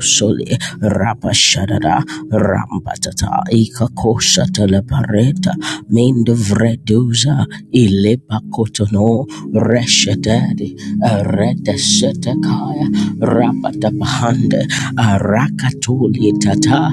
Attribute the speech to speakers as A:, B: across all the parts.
A: soli Dosoli Rapashadada Rampatata Ikakosha Telepareta Mind Vreduza Ilepakotono Reshadadi Redesetekaya Rapatapahande Arakatuli Tata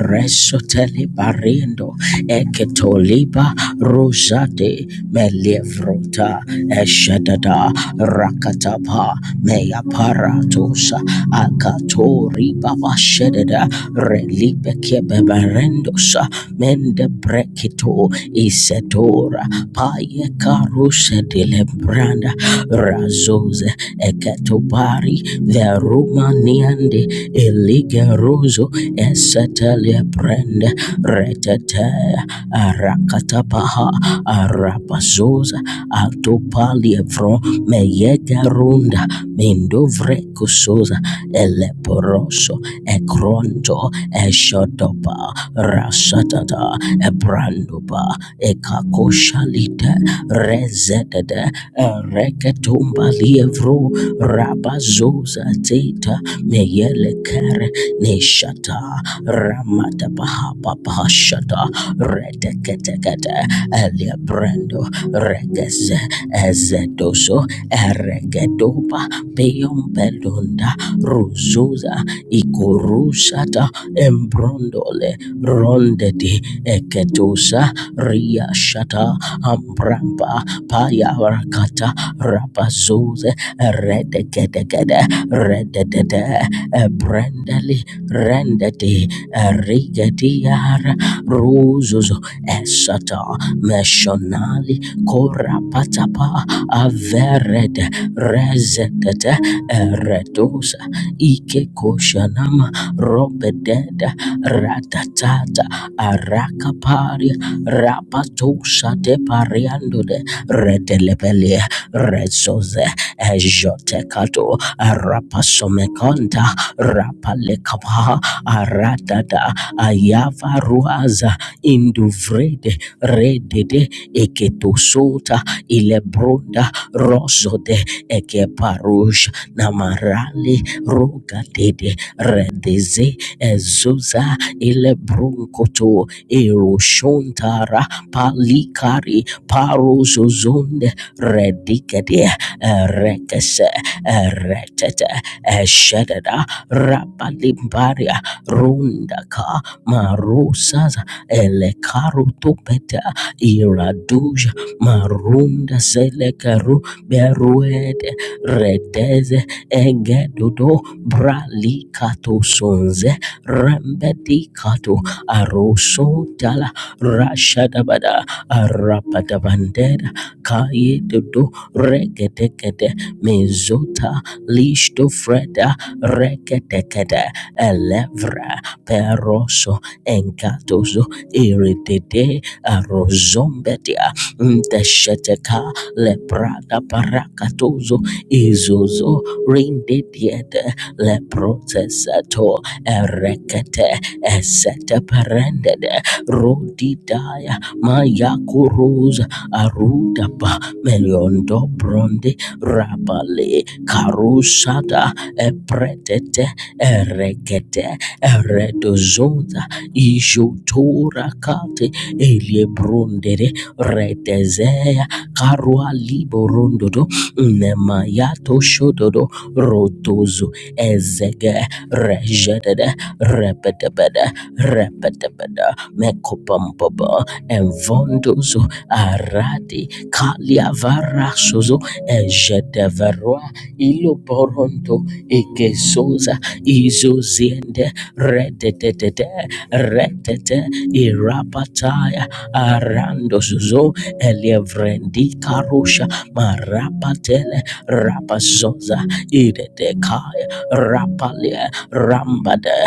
A: Resoteli Barendo Eketoliba Rosade Melevrota Shata Eshedada Rakatapa Meaparatosa Akatori Baba Shedada Relipe Kebeberendosa Mende Brekito Isedora Paye Karuse Dilebranda Razose Eketobari Verumaniande Eligeroso Esatele lebrende retete arakatapaha arapazuza atopalievro meyegarunda mindovre kusuza eleporoso ekronto eshodopa rasatata ebranduba ekakoshalite rezedede reketumba lievro Zo Rabazoza Zeta Meyele Kere Neshata Ramata Bahapa Bahashata Reteketekete Elia Brando Regeze Ezedoso Eregedoba Peyon Belunda Ruzuza Ikorusata Embrondole Rondedi Eketusa Ria Shata Ambrampa Payarakata Rabazuze Redegedegede, Redede, Brandali, Rendedi, Rigediara, Ruzuzo, Esata, Meshonali, Korapatapa, Avered, Rezedete, Redosa, Ikekoshanama, Robededa, Ratatata, Arakapari, Rapatosa de Pariandode, Redelebelia, Rezoze. Ejotekato Rapasomekanta Rapalekapa Aradada Ayavaruaza Induvrede Redede Eketosota Ilebroda Rosode Ekeparush Namarali Rogadede Redeze Ezuza Ilebronkoto Eroshon Tara Palikari Parozozonde Redikede Retese Retete Eshededa Rapalimbaria Rundaka Marusas Elekarutupeta Iraduja Marunda Selekaru Beruede Redeze Egedodo Bralikato Sonze Rembedikato Aroso Dala Rashadabada Arapadabandera Kayedodo regedegede mezota listofreda regedegede elevra peroso enkatozo iridede arozombedia ntesheteka leprada parakatozo izozo rindediede leprotesato erekete esete perendede rodidaya mayakuruza aruda pa Meliondo Brondi Rabale Karusada Epretete Eregete Eredozonda Ijotora Kate Eliebrondere Redezea Karua Liborondodo Nemayato Shododo Rotozo Ezege Rejedede Repetebede Repetebede Mekopampaba Envondozo Aradi Kaliavara Sozo Ejedeveroa Iloboronto Egesoza Izoziende Rededede Redete Irapataya Arando Sozo Elevrendi Karusha Marapatele Rapazoza Idedekaya Rapalia Rambade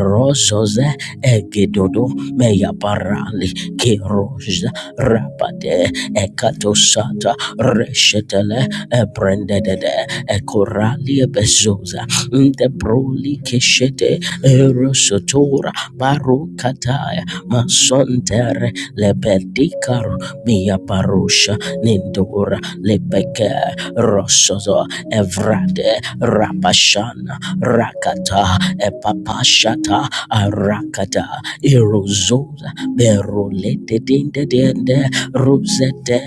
A: Rosoze Egedodo Meyaparali Keroja rapade ekatosata reshetele ebrendedede ekoralie bezoza nte proli keshete Eroshotora Barukataya Masontere Lebedikaro Mia Parusha Nindura Lebeke Rosozo Evrade Rapashana Rakata Epapashata Arakata Erozoza Berolete Dinde dende Rosete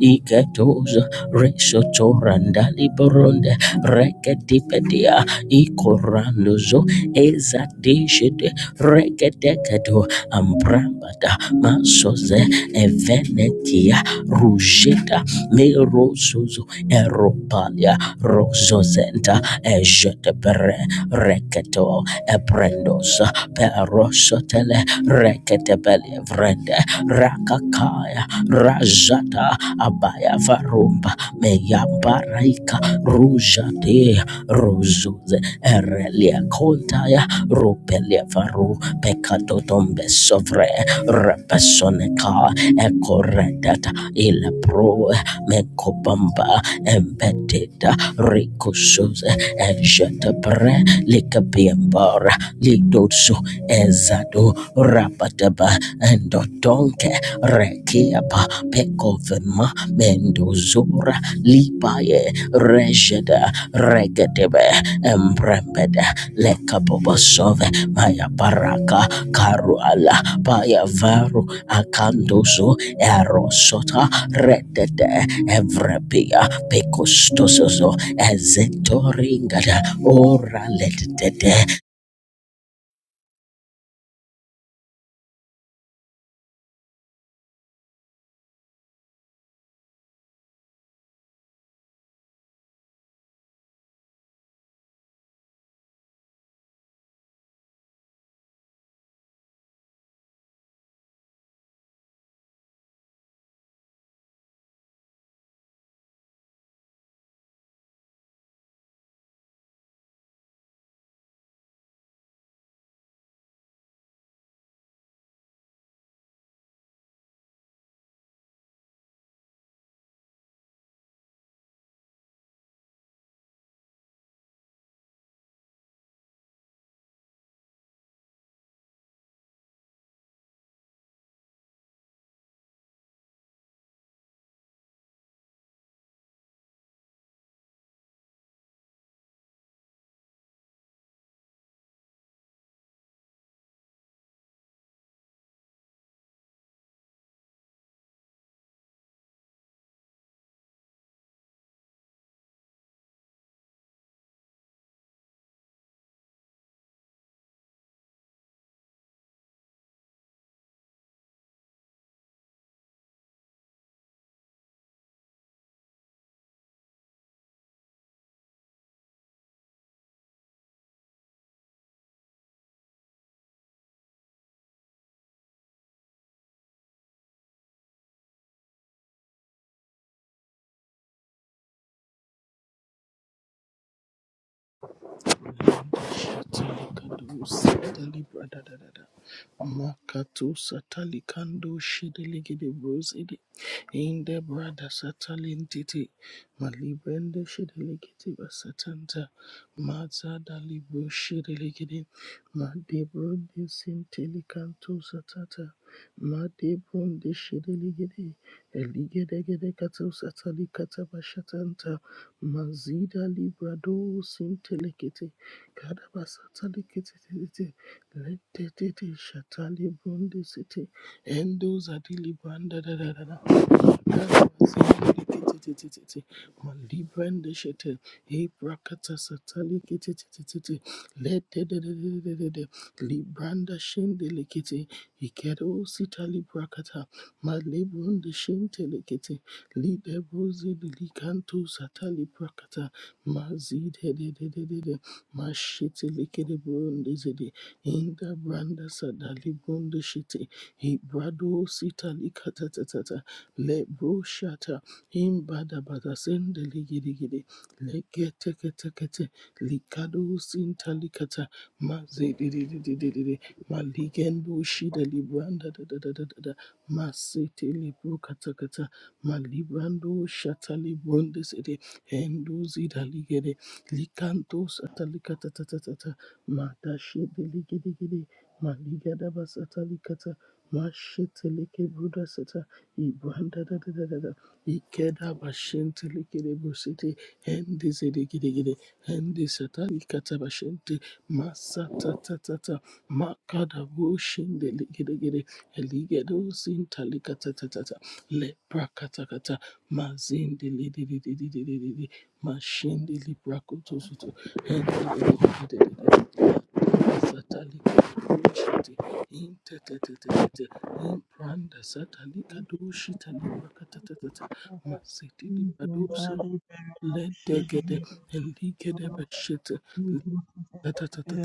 A: Iketoza Resotora Ndali Boronde rekedepedia ikorandozo ezadeshede rekedekedo ambrambada masoze evenekia rujeda merozozo eropalia rozozenta ejetepere reketo ebrendosa perosotele reketebelie vrende rakakaya rajata abaya varumba meyambaraika rujade ruzuze erelia kontaya rupelia varu pekadodombe sovre repesoneka ekoredata ilepro mekobamba embededa rikusuze ejetepre likabiembara lidoso ezado rabataba Reba Endodonke Rekiapa Pekovema Mendozora Lipaye Rejeda Regedebe Embrembeda Lekabobosove Maya Baraka Karuala Paya Varu Akandozo Erosota Redede Evrepia Pekostosozo Ezetoringada Ora Ledede
B: Katalikando Satali Brada da da da. Makato Satalikando Shedeligede Brosidi. In the brother Satalintiti. Malibrende Shedeligede Basatanta. Maza Dalibro Shedeligede. Madebrunde Sintelicanto Satata. Madebrunde Shedeligede. Eligedegede Kato Satalikata Bashatanta. Mazida Librado Sintelicate Kadaba Satali Kitty Letty Shatali Bundi City Endo Zadili Banda da da da da Kadaba Satali Kitty Mali Brenda Shitty E Brakata Satali Kitty Letty Libranda Shindeli Kitty Ikedo Sitali Brakata malibunda Bundi Shinteli Kitty Lide Satali Brakata Mazid Mashiti likere burundi zidi inda branda sadali burundi shiti hibrado sita likatatata le bro shata imbada bada sende ligidi gidi lekete kete kete kete. likado sinta likata mazidi didi didi didi Ma ligendo shida libranda da da da da da da Ma masiti libro kata kata Ma librando shata liburundi zidi hendu zida ligede likantus atalikatatata matashede ligedegede maligadabas atalikata masheteleke brudasata ibrandadadadadada ikedabashente likede brusete endizedegedegede endisatalikata bashente masatatatata makadabushinde ligedegede eligedosintalikatatata leprakatakata mazinde Mashindi librakoto soto Impranda satalika
C: Thank you.
B: dushita librakata masiti libadosi ledegede eligede bashita tatatata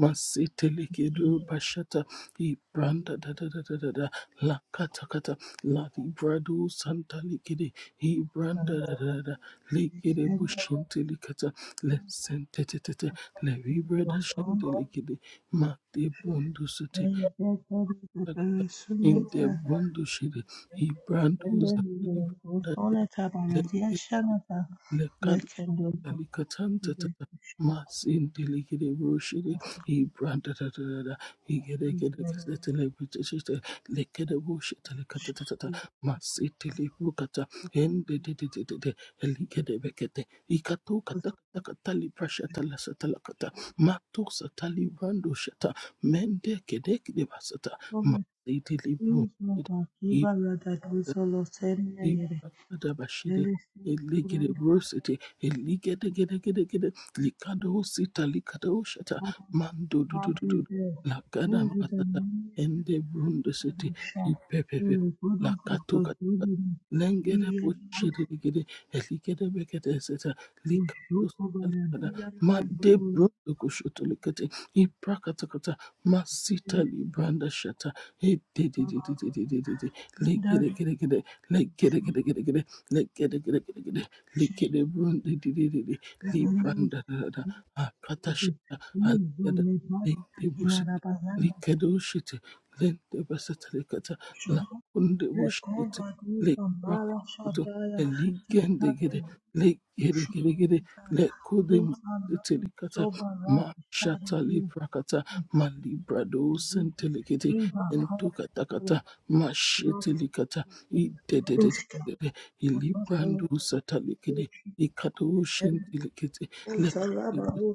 B: Masetelekedu bashata ibranda da da da da da da la kata kata la libradu santa likede ibranda da da da da likede bushinte likata le sente te te te le vibrada shante likede ma de bundu sute kata in de bundu shide ibrandu za ibranda da da le Alicatanta tata mas in delicate brochide, he branded he get a get a celebrity, licking a bush, telecatata, mas itelibrucata, and the did elicate becate, Ikato catacatali prasha talasatalacata, Mato satali brando shata, Mende kedek de basata, mas itilibru. Kadabashiri, Eligere Rosity, Eligere Gede Gede Gede, Likado Sita, Likado Shata,
C: Hallelujah.
B: Mando Dudu
C: Thank you,
B: Dudu,
C: the
B: Lagada Matata,
C: name
B: Ende
C: of the
B: Brunda
C: Father,
B: City,
C: the Son of
B: Ipepepe,
C: the Holy
B: Lakatoka,
C: He
B: Lengere
C: is
B: Boshiri Gede, Eligere Begede Seta,
C: the
B: Likado
C: Shook of the
B: Sita, Likada,
C: Dia
B: Made Brunda Kushoto Likate, Iprakatakata, Masita Libranda Shata, Ede
C: And that
B: Legere
C: is
B: Gede Gede lekere gere gere gere lekere gere gere gere
C: shake
B: lekere brunde di di di di
C: the
B: li
C: Lord.
B: branda da da da
C: He
B: akata
C: is the
B: shata aliyada
C: Lord, Mother,
B: lente
C: Kinara
B: busete
C: Bazanda,
B: likado shite lente basata lekata la
C: Shodo.
B: kunde bushite
C: Reconta tu
B: le
C: famara
B: rakuto
C: shadaya,
B: eligende
C: tekare
B: gere lekere gere
C: shuru
B: gere
C: kita,
B: lekude
C: tu famara
B: musete likata
C: soba
B: ma shata li prakata ma librado
C: Mhm.
B: sente lekete
C: In the heart
B: entukata
C: of
B: kata ma
C: love,
B: shete he did it. it-
C: Kadushka,
B: it- He librando
C: Apostle,
B: satalikede.
C: Kadushka,
B: He
C: and
B: katoshin
C: Heaven,
B: delicate.
C: and
B: Left.
C: Salama, who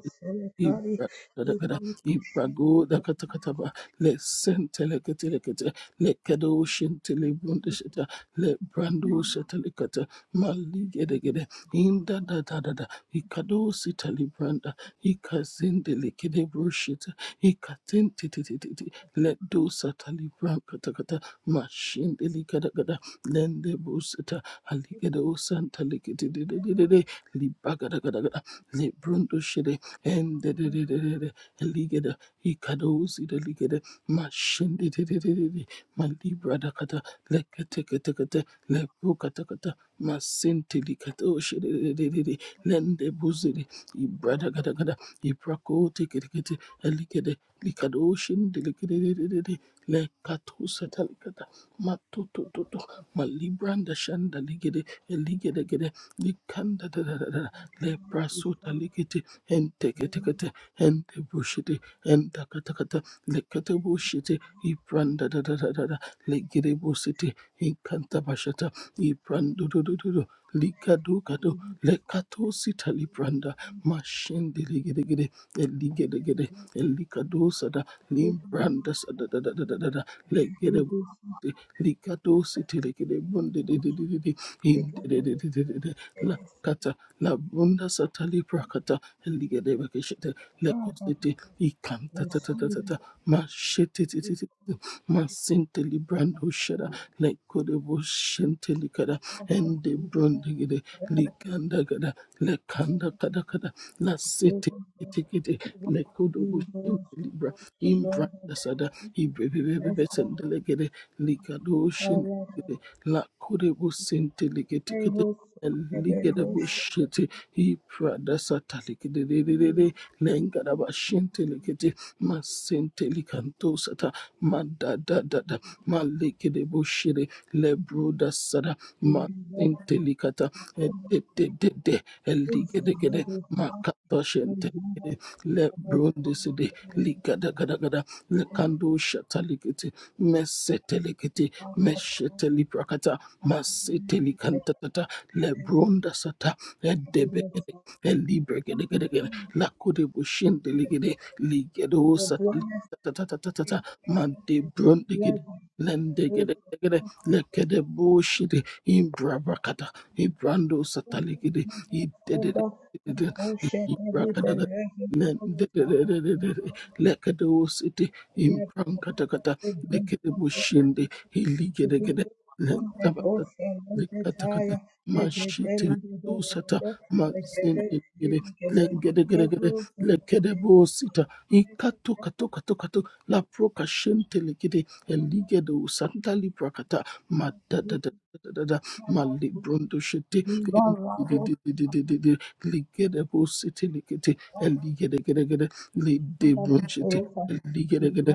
B: He
C: Senatari, who
B: bradagada.
C: would
B: He
C: be
B: brago
C: shaken
B: da
C: by the
B: katakataba. Le senteleketelekete. Le kadoshin telebrundisheta. Le brando satalikata. Maligedegede. Inda da da da da. He kadosi talibranda. He kazindelikede brushita. He katintitititi. Le do satalibranda kata. talibran katakata. Machine delicada lende busita haligede usanta likiti de de de de. endedededede ligede ikado usida ligede mashindididididi malibradakata leketeketekete lebukatakata masinti likato shididididi lende buzidi ibradakadagada ibrakotikidikiti ligede likado shindi likididididi lekatusa talikata matutututu Malibranda Shanda Ligede, eligede gede Likanda da da da da,
C: news
B: Leprasuta
C: of
B: Ligete, ente kete
C: something
B: kete ente bushite enta Enteketekete, Entebushite, Entakatakata, Lekatebushite, Ibranda da da da da da, Legedebusite, Incantabashata, Ibrando do do do do, likado kado Likadukado, Lekatosita Libranda, Mashende Ligedegede, Eligedegede, Elikadosada, Limbranda Sada da da da da da,
C: you
B: Legede.
C: do
B: Rikadosi telekede bunde de
C: so
B: de de de de in
C: bigger
B: de de
C: than
B: de de de de
C: it
B: la
C: is.
B: kata la bunda satali prakata ligede bakeshete le
C: Rather,
B: kosete ikanta
C: the
B: ta ta ta
C: seed
B: ta
C: of
B: ta ma shete te te te te, ma sente librando shada le kode bo shente likada ende bunde gede liganda gada le kanda kada kada la
C: Thank
B: sete Tikete le kodo bo
C: you. will
B: shente libra
C: survive the
B: imbra
C: Lord of
B: sada
C: the
B: ibrebe
C: and bless them.
B: bebe
C: I
B: Likadoshin
C: love
B: la kurebo sente
C: the prayer
B: liketikete
C: for the
B: ligerebo
C: nation.
B: shete hi prada sata likedede lengaraba shente likete masente likanto sata madadadada malekedebo shere lebroda sada
C: Thank
B: masente likata edededede eligedegede makata shente lebronde sede Ligada gada Gada lekando shata likete mesetelekete mesheteliprakata masetelikantatata lebrondasata edebekede elibregedegedegede lakodebushendelegede
C: you.
B: ligedosatalitatatatatata madebrondegede lendegedegede lekedebushede imbrabrakata ibrando satalegede idedede ibrakadaga lendedede lekedosete
C: Yes, Father,
B: imprankatagata
C: it brings
B: lekede
C: comfort.
B: boshende
C: In
B: hiligedegede
C: the
B: lentabata
C: ocean, in the
B: lekatakata
C: tire, the dead,
B: mashite
C: the dead, the dead,
B: dosata
C: the dead, the dead, the
B: mazindegede lengedegedegede lekede bosita ikatokatokatokato laprokashente legede eligede usanta librakata madadadadadada malibrondoshete indididididididi ligede bosite lekete eligedegedegede lidebronshete eligedegede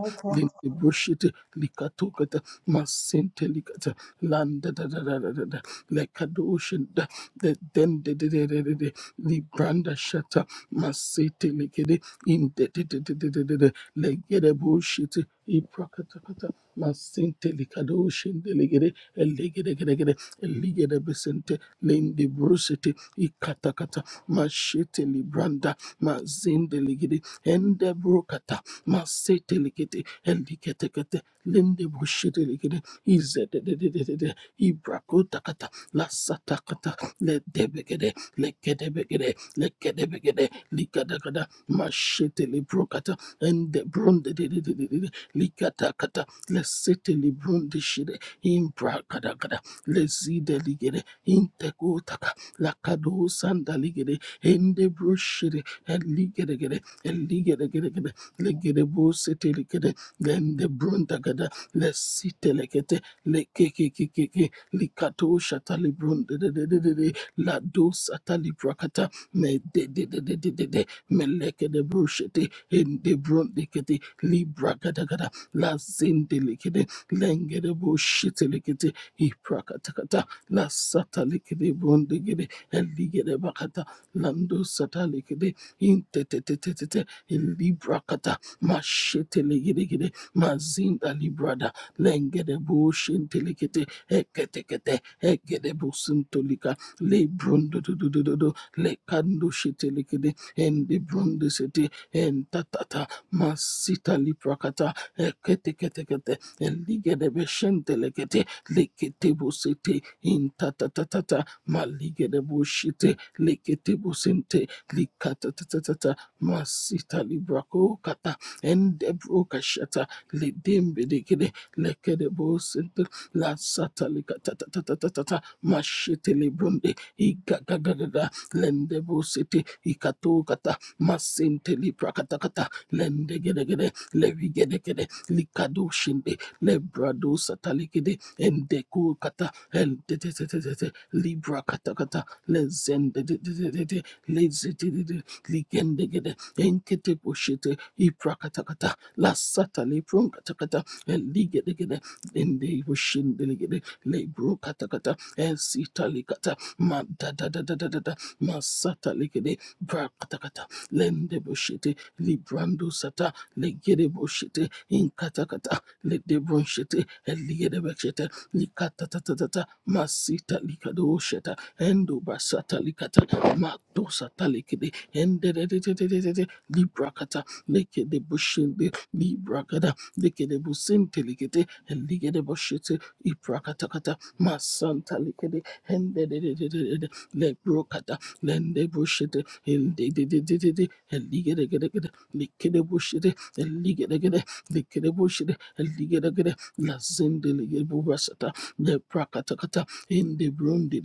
B: Likatokata Masintelikata Landa da da da da da da Lekadoshin da the den de de de de de de Libranda Shata Masitelikede in de de de de de de de de Legede Bushiti Iprakata Masintelikadoshin elegedegedegede besente lende brusete ikata kata. mashete libranda mazinde ligede ende brokata masete ligede eliketekete lende brushete ligede izede de de de de kata kata lasata kata le izededededede ibrakotakata lasatakata ledebegede lekedebegede lekedebegede likadakada mashete librokata ende bronde de de de de brondedededede likatakata librunde librondeshide imbrakadakada lezideligede integotaka lakado sanda ligede ende broshede eligede gede eligede gede gede legede bosete ligede lende brunda gada lesite lekete lekekekeke likato shata librunda de de, eligedegede eligedegedegede legedebuseteligede lendebrundagada lesitelekete lekekekekeke likatoshatalibrundedededede ladosatalibrakata medededededede melekedebushete endebrundekete librakadagada lazindelikede lengede bo shite likete iprakatakata la sata likede bondigede eligede bakata lando sata likede intetetetetete ilibrakata mashite ligede mazinda librada lengede bo shinte likete eketekete egede bo sintolika le brondo do do do do do le kando shite likede endi brondo sete entatata masita liprakata ekete kete kete Eliga de Beshente Legate, Leketebo Sete, in Tatatata, Maliga de Boshite, Leketebo Sente, Likatatatata, Masita Libraco Kata, and Debroca Shata, Ledembe de Gede, Lekedebo Sente, La Satalica Tatatata, Mashete Librunde, Igagagada, Lendebo Sete, Ikato Kata, Masente Libracatacata, Lendegede, Levigede, Likado Shinde lebrado satalikede endeku kata endetetetetete libra kata kata lezendetetetete lezetetete ligendegede enkete poshete ipra kata kata la lasata lepron kata kata eligedegede ende poshendelegede lebro kata kata esitalikata madadadadadada masatalikede bra kata kata lende poshete librando sata legede poshete in kata kata Ledebron Shete, Eliedebek Shete, Likata Tata Tata, Masita Likado Shete, Endo Basata Likata, Mato Satalikide, Endedededededede, Librakata, Lekede Bushinde, Librakada, Lekede Businte Likete, Eligede Bushete, Iprakatakata, Masanta Likede, Endededededede, Lebrokata, Lende Bushete, Eligede Likede Bushete, Eliede gede, Lekereboshede, Eligeregere, Lazendelegebobrasata, Leprakatakata, Indebronde,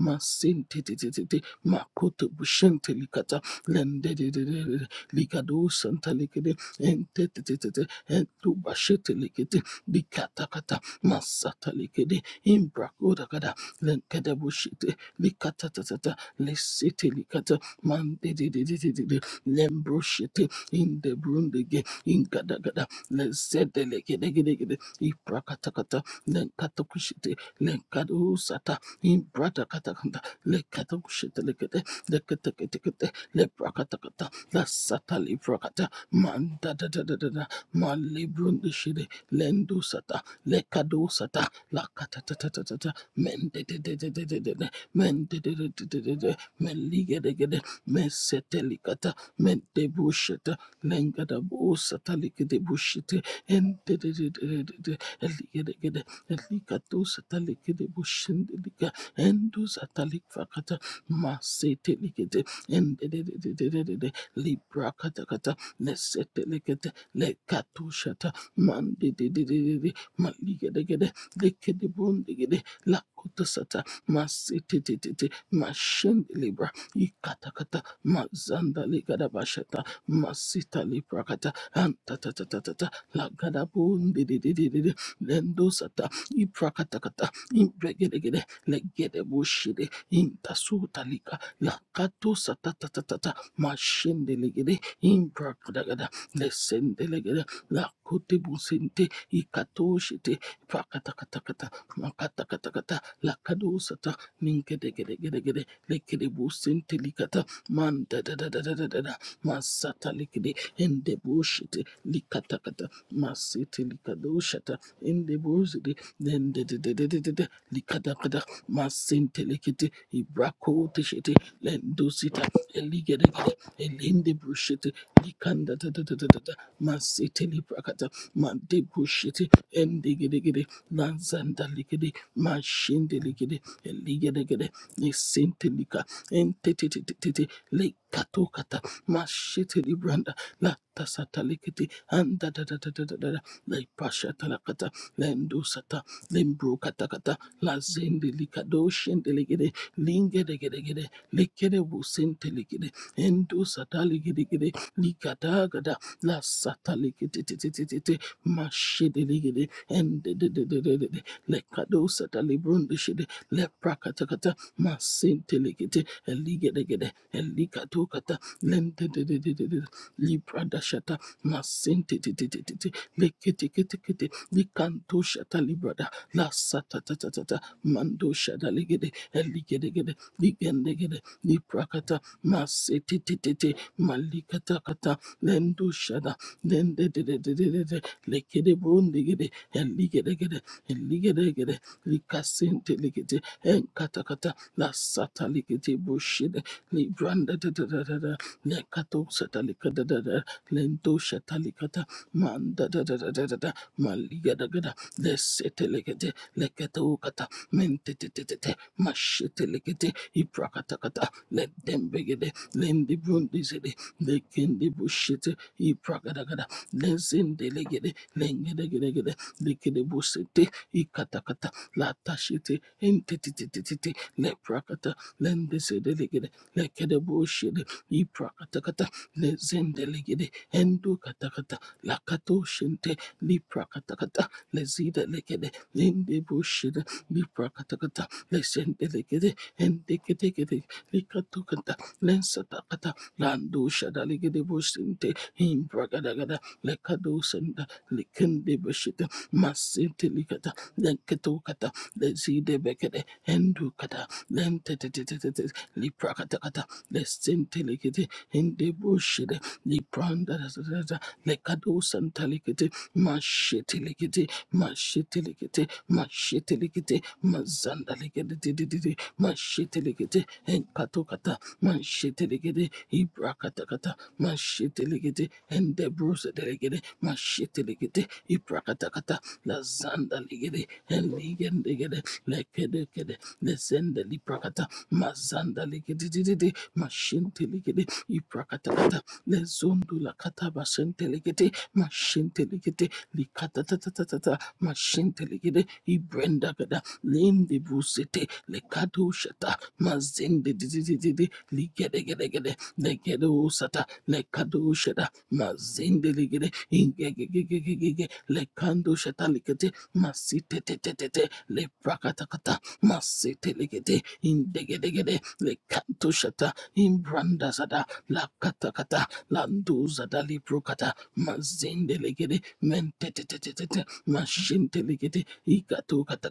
B: Masente, Makoto Bushente Likata, Lende, Ligado Santa Likede, Ente, Entubashete Likete, Likatakata, Masata Likede, Imbrakodakada, Lenkedebushete, Likatatata, Lesete Likata, Mande, Lembroshete, in the broom the ingadagada lezedelegedegedegede ibrakatakata lenkatakushite lenkadusata imbrakatakata lekatakushitelegede leketeketekete lebrakatakata lasata librakata mandadadadada malibrundishide lendusata lekadusata lakatatatata mendededededede mendededededede meligedegede mesetelikata mendebushete lengada bosa talikede bushite ende de de de de de de eligede gede elikato satalikede bushinde lika endo satalik fakata masete likede ende de de de de de de de libra kata kata lesete likede lekato shata mande de de de de de maligede gede likede de gede lakuta sata masete te te te mashende libra ikata kata mazanda likada bashata masita liprakata antatatatata lagadabun didididididi lendosata iprakatakata impregedegede legedebushide intasutalika lakatosatatatatata mashendelegede imprakadagada lesendelegede lakotebusente ikatoshite prakatakata makatakatakata lakadosata ninkedegedegedegede lekedebusente likata man da da da da da da da da masata likidi endebushiti likatakata masiti likadushata endebuzidi dendededededede likatakata masinte likiti ibrakotishiti lendusita eligedegede elindebushiti likandadadadadada masiti librakata mandebushiti endigedegede lanzanda likidi mashinde likidi eligedegede Isintelika entetetetete lekatokata mashitelibranda latasatalikiti andadadadadadada leipashatalakata lendusata lembrokatakata lazendelikadoshyendelegede lingedegedegede lekedebusentelegede endusataligedegede likadagada lasatalikitititititi mashedelegede endedededede Rundishide, Leprakatakata, Masintelikite, Eligedegede, Elikatokata, Lentedededede, Libradashata, Masintititititi, Lekitikiti, Likantoshata Librada, Lasatatatata, Mandoshada Ligede, Eligedegede, Ligendegede, Liprakata, Masititititi, Malikatakata, Lendoshada, Lendedededede, Lekede Brundigede, Eligedegede, ligede gede likasente ligede en kata kata la sata ligede bushide li branda da da da da da le lekato sata likada da da lento sata likata manda da da da da da da maliga da gada lesete ligede lekato kata mente te te te te mashete ligede ibrakata kata ledembe gede lendi brundi zede lekendi bushite ibrakada gada lezende ligede lengedegedegede likedebusete ikatakata latashete entetetetetete leprakata lendesedelegede lekedebushede iprakatakata lezendelegede endukatakata lakatoshente liprakatakata lezidelegede lendebushede liprakatakata lesendelegede endeke teke teke likatokata lensatakata landusha ligede bosinte imbragadagada lekadosanda likende beshita masinte likata lenketo lenketokata lezide bekede endukata lentetetetetete liprakatakata lesinte likete ende bushide lipranda da da da lekado santalikete mashetelekete mashetelekete mashetelekete mazandalegedededede mashetelekete enkatokata mashetelegede ibrakatakata mashetelegede endebrosedelegede mashetelegete ibrakatakata lazandalegede enligendegede lekedekede lezendelibrakata mazandalegedededede mashintelegede ibrakatakata lezondo lakata bashentelegede mashentelegede likatatatata mashentelegede ibrendagada lendebusete lekadoshata mazendedidididi ligedegedegede legedosata lekadoshata mazendelegede ingegegegegege lekando shata legede masite tete tete le likete masitetetetete leprakatakata masetelegede indegedegede le kanto shata imbranda zada la kata kata landuza dalibrukata mazendelegede mentetetetetete mashintelegede ikatukata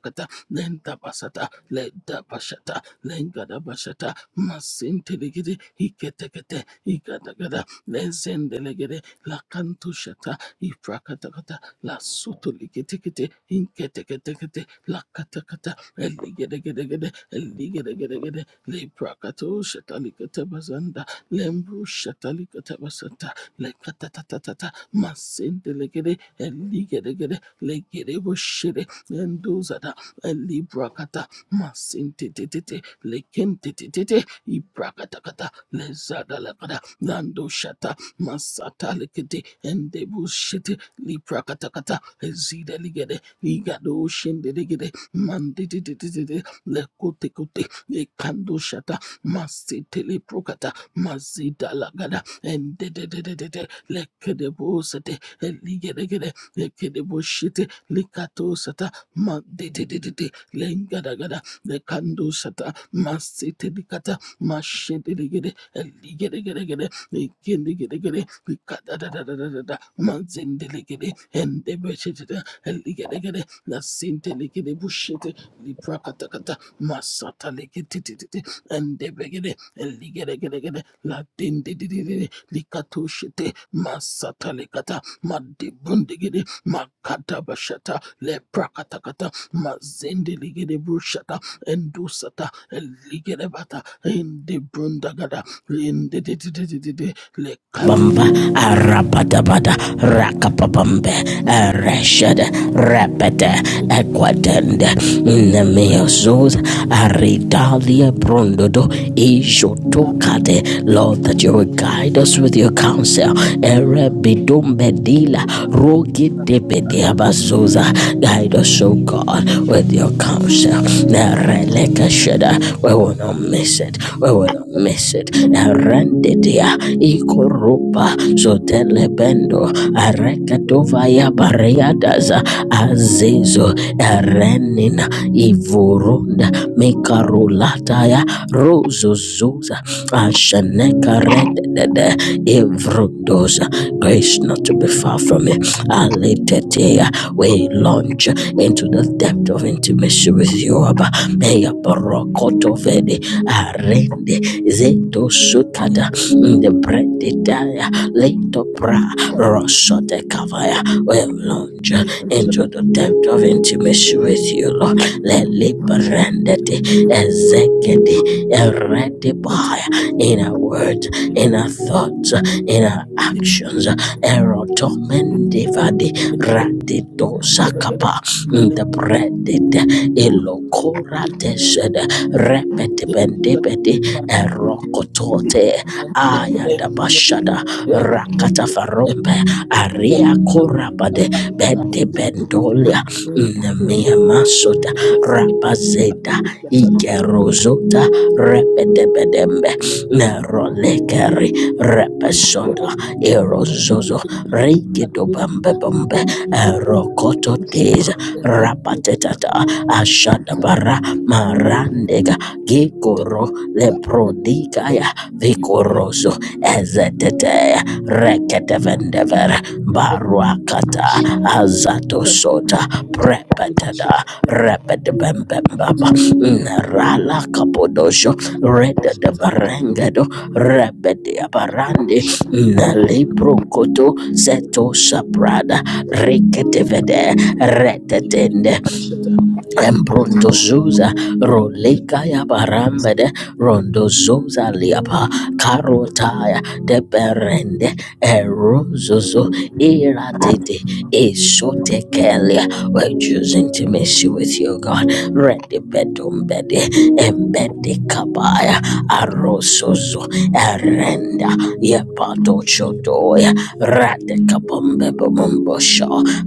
B: lentabasata ledabashata lengadabashata masintelegede iketekete ikatagada lezendelegede lakantushata iprakatakata lasutulegetekete inketeketekete lakatakata eligedegedegede eligedegedegede leprakatushata liketabazanda lembru shatalikata basata lekatatatata masendelegede eligedegede legede boshede endozada elibrakata masintetete lekentetete ibrakatakata lezadalakada landoshata masatalikete endebushete librakatakata ezideligede ligadoshendelegede mandetetete lekotekote lekandoshata masetelebrakata Mazida lagada and de de de de de de lekedebosate eligedegede lekedeboshite likatosata ma de de de de de lengadagada lekandosata masite dikata mashedegede eligedegede lekendegede likata da da da da da da mazendelegede and debeshite eligedegede la sintelegede bushite liprakata kata masata lekete and debegede la dindi dindidididi likatushite masata likata madibundigidi makata bashata le prakatakata mazindi ligidi brushata endusata ligidi bata indi brundagada lindididididi likada ma
A: Bamba arapatabada rakapapambe reshad repete equatende nemeosus aridalia brondodo ijotokade Lord that you will guide us with your counsel erebidombedila rogi debediabazuza guide us O God with your counsel Nereleka Shada. We will not miss it. We will not miss it. Erendidia Ikorupa Zotelebendo Arekadovaya Bariadaza Azizo Erenina Ivurunda Mikarulataya Rozozuza Ashaneka Redede Ivrudoza Grace not to be far from me. Alitetea we launch into the depth of intimacy with you, Abba. May Barokoto Vede Arende Zeto Sukada the bread Daya Leto Pra Rosote Kavaya will launch into the
B: and
A: depth of intimacy with you, Lord. Lele
B: mashata
A: Brandete Ezekedi Erede Baya in a word, in our thoughts, in our actions, Erotomendivadi Radito Zakapa
B: le
A: interpreted elocorates repetibendibedi erocotote ayadabashada rakatafarombe aria corabade bede bendolia bendibendolia nemiamasota rabazeda ikerozota repetebedembe Meronekeri Repesoda Erozozo Rigido Bambe Bambe Erokoto Teza Rapatetata Ashadabara Marandega Gikoro Leprodigaya Vikoroso Ezetete Reketevendevere Baruakata
B: Thank you.
A: Azatosota Prepetada Repetebembembaba Nerala Kapodosho reda da barengado rebede barande nali prokoto seto saprada reketevede retetende Embrondo Zuza, Roleka Yabarambede, Rondo Zuza Liapa, Karotaya, de Deberende, Erozozo, Iratete, Esotekelia. We're choosing to miss you with you, God. Ready bedum bede, embedekabaya arosozo erenda yepatochodoya radekabombebomombosho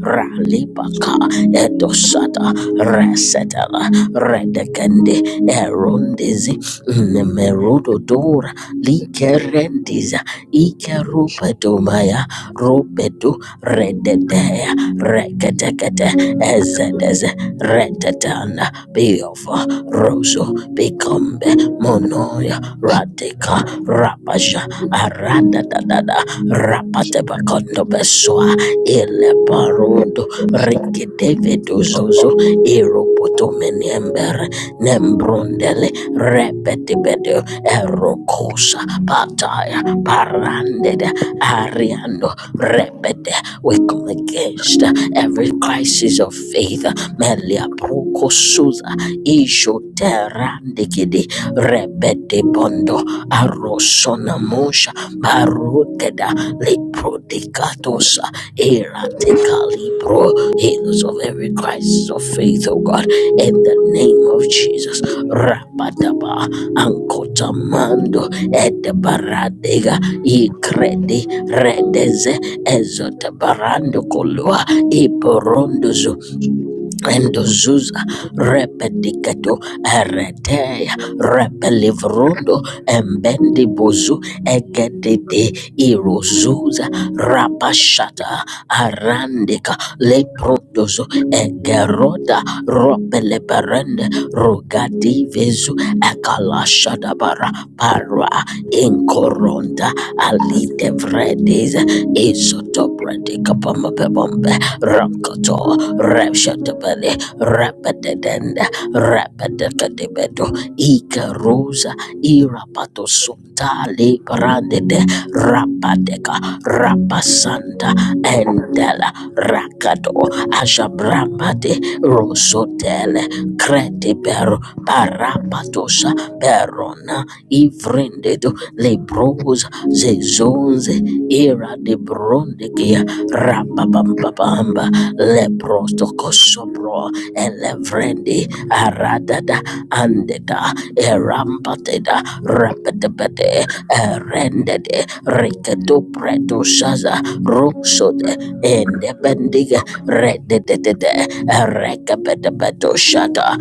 A: ralibaka edosata resetela redekende erondezi nemerododora likerendiza ikerupetomaya rubedu redede rekedekede ezedeze redetana biova roso bikombe monoya radika rapasha aradadadada rapatebakondo beswa ile ileparundo rikidevedu zozo iropoto me niembere nembrundele repetibedo erokosa pataya parandede ariando repete. We come against every crisis of faith. Melia prokosuza isho terandikidi repete bondo arosona Mosha Katusha Parukeda Liprodicatosa Eraticalibro healers of every crisis of faith, oh God, in the name of Jesus. Rapadaba Ankotamando Edebaradega Igredi Redeze Ezotabarando Kolua Iborondozo endozuza repedicato eretea repelivrondo embendi embendibuzu egedede irozuza rapashata arandika leprodozo egeroda ropeleperende rugadivezu bara parwa inkoronda alidevredes izotopredikapamapebombe Rakoto, Rapshatabele, Rapadadanda, Rapadakadebedo, Ika Rosa, Irapato Sunda, Librandede, Rapadeka, Rapasanta, Endela, Rakado, Ashabrambade, Rosotele, Credibero, Parapatosa, Perona, Ivri. Vrende Le frendedo lebros zezonze era de bronde kia rabababamba Le brondekia rababambabamba lepros le elevrendi aradada andeda erampateda rapetepete rendede riketu preto shaza rosode ende bendige rededede rekepede beto shata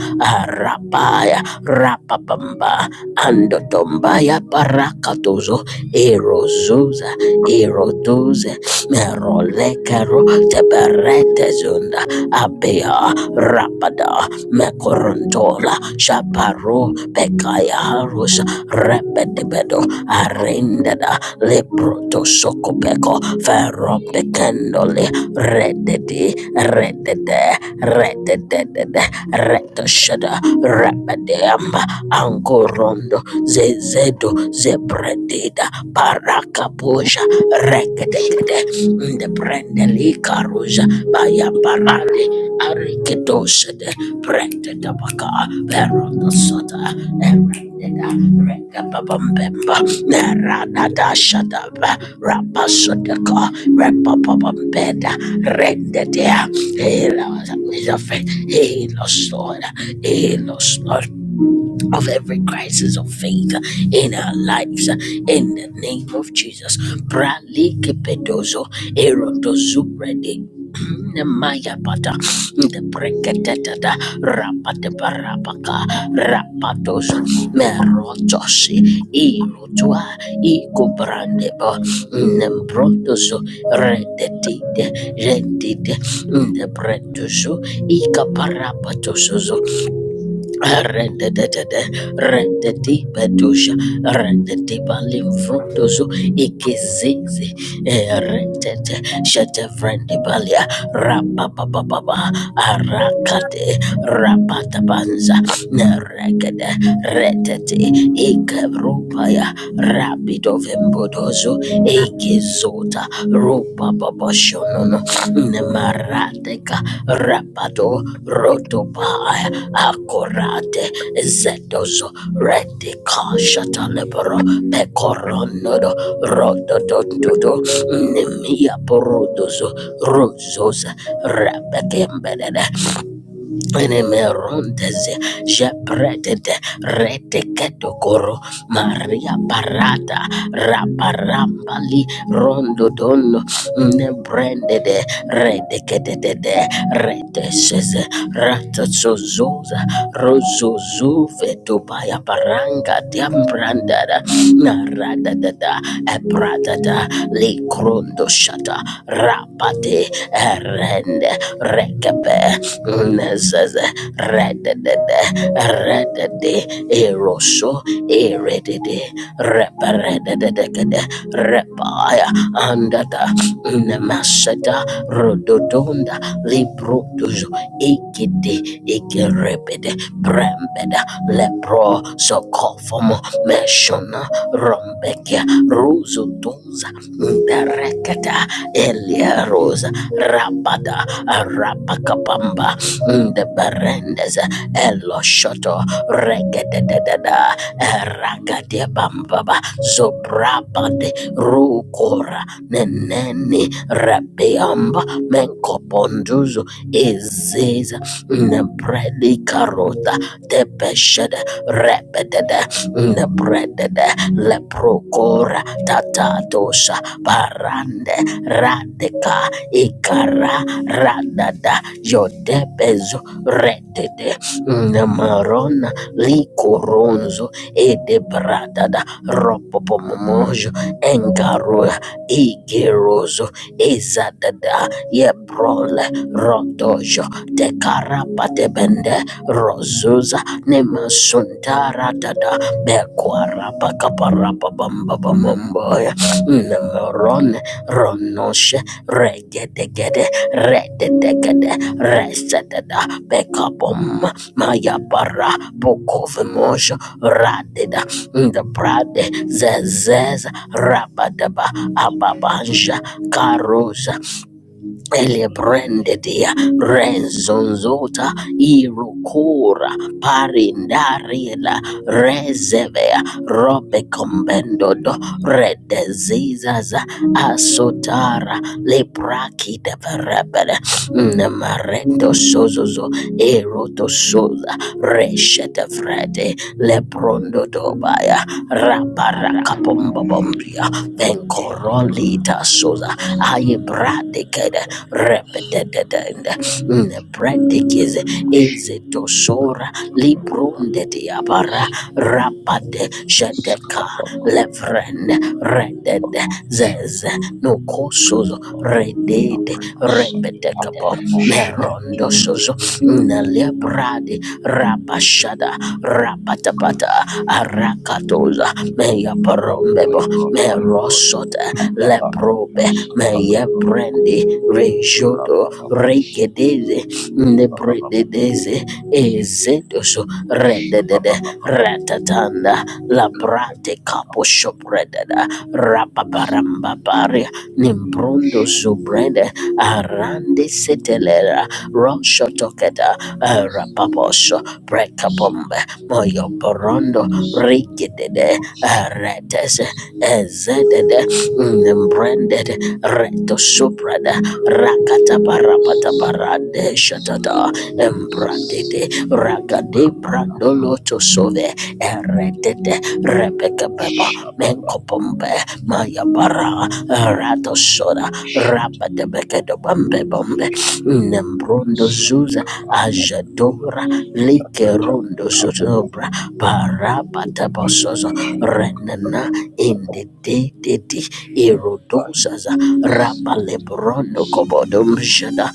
A: rapaya rapapamba andotombaya parakatozo erozoza erodoze merolekero teberete zunda abea rapada mekorontola shaparo pekaya harus repetibedo arendada leproto sokopeko ferop de kendole rededi redede rededede retoshada repedeamba angorondo zezedo zebredi Lida Parakapusha Rekedekede the Brendeli Karuja Baya Parade Arikidosede Brenda Tabaka Berota Sota Erendeda Rekababambemba Neranada Shadaba Rapasodeka Repapabambeda Rendedea Helos Helos Lord Helos Lord of every crisis of faith in our lives in the name of Jesus. Pralike pedozo erodozubrede. Maya pata the breketata rapate parapaka rapatozo merotosi irotua ikobrandebo nembrotozo redetide redide the bretozo Rende, rende, rende, di bedusha, rende di Rendedede, rendedibedusha, rendidibalimfruduzu, ikizizi, eh, rende, shetevrendibalia, rapapapapa, arakate, rapatabanza, neregede, retete, ikerupaya, rapidovembuduzu, ikizota, rupapaposhonono, Nemarateka Rapato Rotopa Akorate Zetozo Retika Shatalebro Pecoronodo Rotodododo Nemia Porodozo Rosos Rabekembele Enemerontes, Jepreted, Reteketokoro, Maria Parata, Raparambali, Rondodon, Nebranded, Redeketed, Reteses, Ratazozosa, Rozozuve, Tobaya Paranga, Diambrandada, Naradada, Ebradada, Likrondo Shata, Rapate, Erende, Rekepe, Mezes redede redede eroso eredede reparedede repaya andata nemaseta rododonda librotuzo ikidi ikiribidi brembeda lepro sokofomo meshona rombeke ruzutunza ndereketa eliarosa rabada arapakapamba de berendes elo shoto regededededa ragadia bambaba zobrabade rukora neneni rabiamba menkoponduzo iziza nebredika rota tepeshede rebedede lebrendede leprokora tatatosha barande radeka ikara radada yodebezo redede namarona likoronzo edebradada ropopomomojo engaro igerozo izadada yeprole rodojo de tekarapatebende rozuza nemasuntaradada bekwarapakaparapabambabamamboya nemerone ronoshe regedegede rededegede resedada bekabom mayapara bokovemosho radeda the brade zezes rabadaba ababanja karusa
C: dead, the
A: Elebrendedia rezonzota irukura parindarila rezevea robekombendodo redezizaza asotara leprakideverebele nemareto sozozo erotosoza reshetefrede leprondodobaya rabarakapombobomria venkorolita soza ayebradekede repetededenda nepretikis izitoshora librundetiabara
C: dead,
A: rapade
D: Shh.
A: shedeka
D: Oh
C: the dead,
A: lefren reded zez nokosozo
D: my
A: redede repetekabo merondosozo nelebrade rapashada rapatapata arakatoza meyaparombebo
D: God!
A: merosota
D: My God!
A: leprobe meyebrende Reshoto Rekedeze Nebredeze Ezetoso Redede Ratatanda Labrate Capo Shopredada
D: Shh.
A: Rapaparambapare Nimbrondo Zubrede Arande Setelera Roshotoketa Rapaposo Brekabombe Moyoporondo Rikedede Retes Ezedede Nembrended Reto Soprada rakata barapata barande shatada embrandede ragade brandolo tosove eredede rebeka beba menkopombe maya bara rato soda rapate bekedo bambe bombe nembrondo zuza ajadora like rondo sotobra parapatapososo renana in the de de de erodosaza rapalebrono kobodomshada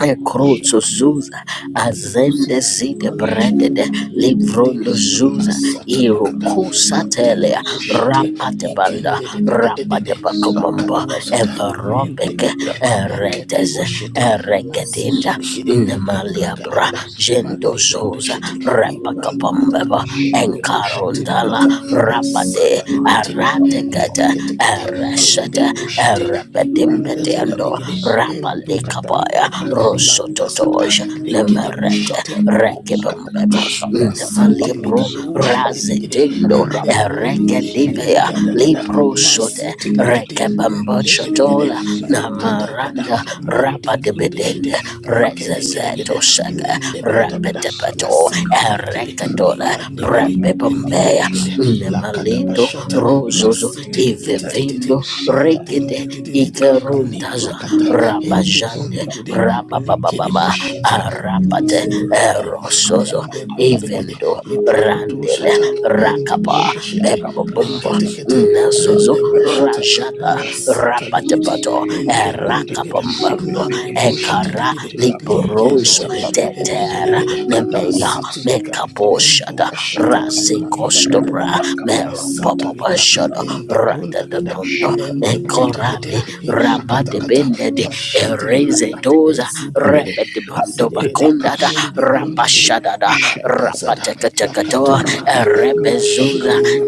A: ekrozo zuza azende zide
B: Branda
A: bredede
B: Shatalika
A: livrondo zuza
B: Masatalikata
A: irokosatelea
B: Madigidi Bushiti
A: rapatebanda
B: Ikendede
A: rapatebakomombo
B: Lakadu Sata
A: everopeke
B: Entekete Ekete
A: ereteze
B: Bushite
A: eregedinda
D: Shut
B: Masitilikidi
D: Shut
A: Nemaliabra,
B: Ibragadagada,
A: Gendo Zosa,
B: Madlibrondushiti, Ibrandugada,
A: Rapacapambeba,
D: it up,
A: Encarondala,
B: Lendebushitilicata,
A: Rapade,
D: I
B: Masatalikiti,
A: Aratekata,
B: Ketekete,
D: the
A: Arashata,
B: Lendebushiti,
A: Arabedimbediando,
B: Ibrandazadaligidi,
A: Rapalikabaya,
B: Entukatalibrada,
D: sun.
B: Landasada,
A: Rosototoja, Nemerete,
B: Likedebushiti,
A: Rekibambem,
B: Rakatakata,
D: Shut
B: Masente
A: malibro
B: Likado
D: up.
B: Shindelikidi,
A: razetendo
B: and the Brundigidi,
A: rekedivea
B: Ikadagada,
A: libro shote
B: Masete Likidi, and the Gedegede,
A: rekebambochotola
B: Likadagada,
A: namaranda rabadebedende
B: Madigundishidi, Likedegedegede,
A: rezezetoshaka
B: Lende Badagada, La
A: repetepeto
B: Sente Likidi,
A: ereketola
B: Ikandigidi, and
A: bombea
B: Ligedegede,
D: Jesus,
A: nemaleto
B: Lakadabashata,
D: we tell
A: rozozo
D: you,
B: Masete
D: hey,
B: Likitititi,
A: ivevendo
D: Sidiate,
A: rekete
B: Madindidididi,
D: Lugaka,
A: ikerundaza
B: Liprakata,
D: Rababa,
B: and the
A: rabajande
B: Brundigidi, Likidi
A: rababababa
B: Bushiti.
A: arabate
B: Lizedededekede,
A: erosozo
B: Nende brundegede,
A: ivendo randele
B: Iprakoturushata, Ende
A: rakapa
D: Shut that
B: brundeshete,
D: up,
A: bembobombo
B: Leketekete,
A: nasozo
B: Lende brashata,
A: rajada
B: Masata likete,
D: Jesus.
A: rabatebato
B: Ende
D: Keep the tip,
B: brundegede,
D: sip it,
A: erakapambambo
D: big,
B: Lande
D: sip
B: bushite
A: ekara
D: it,
B: ligede,
D: tip
A: li
D: up.
A: iboronzo
B: Ligedegede,
D: Sapabacos,
A: tetera
B: Ligedegede,
A: nemeya
D: Kadabaka,
B: Masiti
D: sip it,
B: lika, Endu
A: mekaboshada
D: shut
B: brashata,
D: up,
A: rasikostobra
B: Madadadadada,
D: Rababaka, Rabaka,
B: Masata lika,
A: meropapapashada
B: Ende
D: Rababaka,
B: brundagada,
A: ratatadondo
D: shut up,
B: Lende
D: sip
B: brute Mende
A: mekorade
D: it,
B: brutekete kata
A: rabadebendede
D: sip
B: mashete likata
D: it,
A: erezedoza
D: Run.
B: ezidegede
D: Mezuka.
B: ezidegede
A: rebedebondobakundada
B: lende brondegede
A: rabashadada
B: la dazada la
A: rapatekatekato
B: katurukata
A: erebezuza
B: mashete li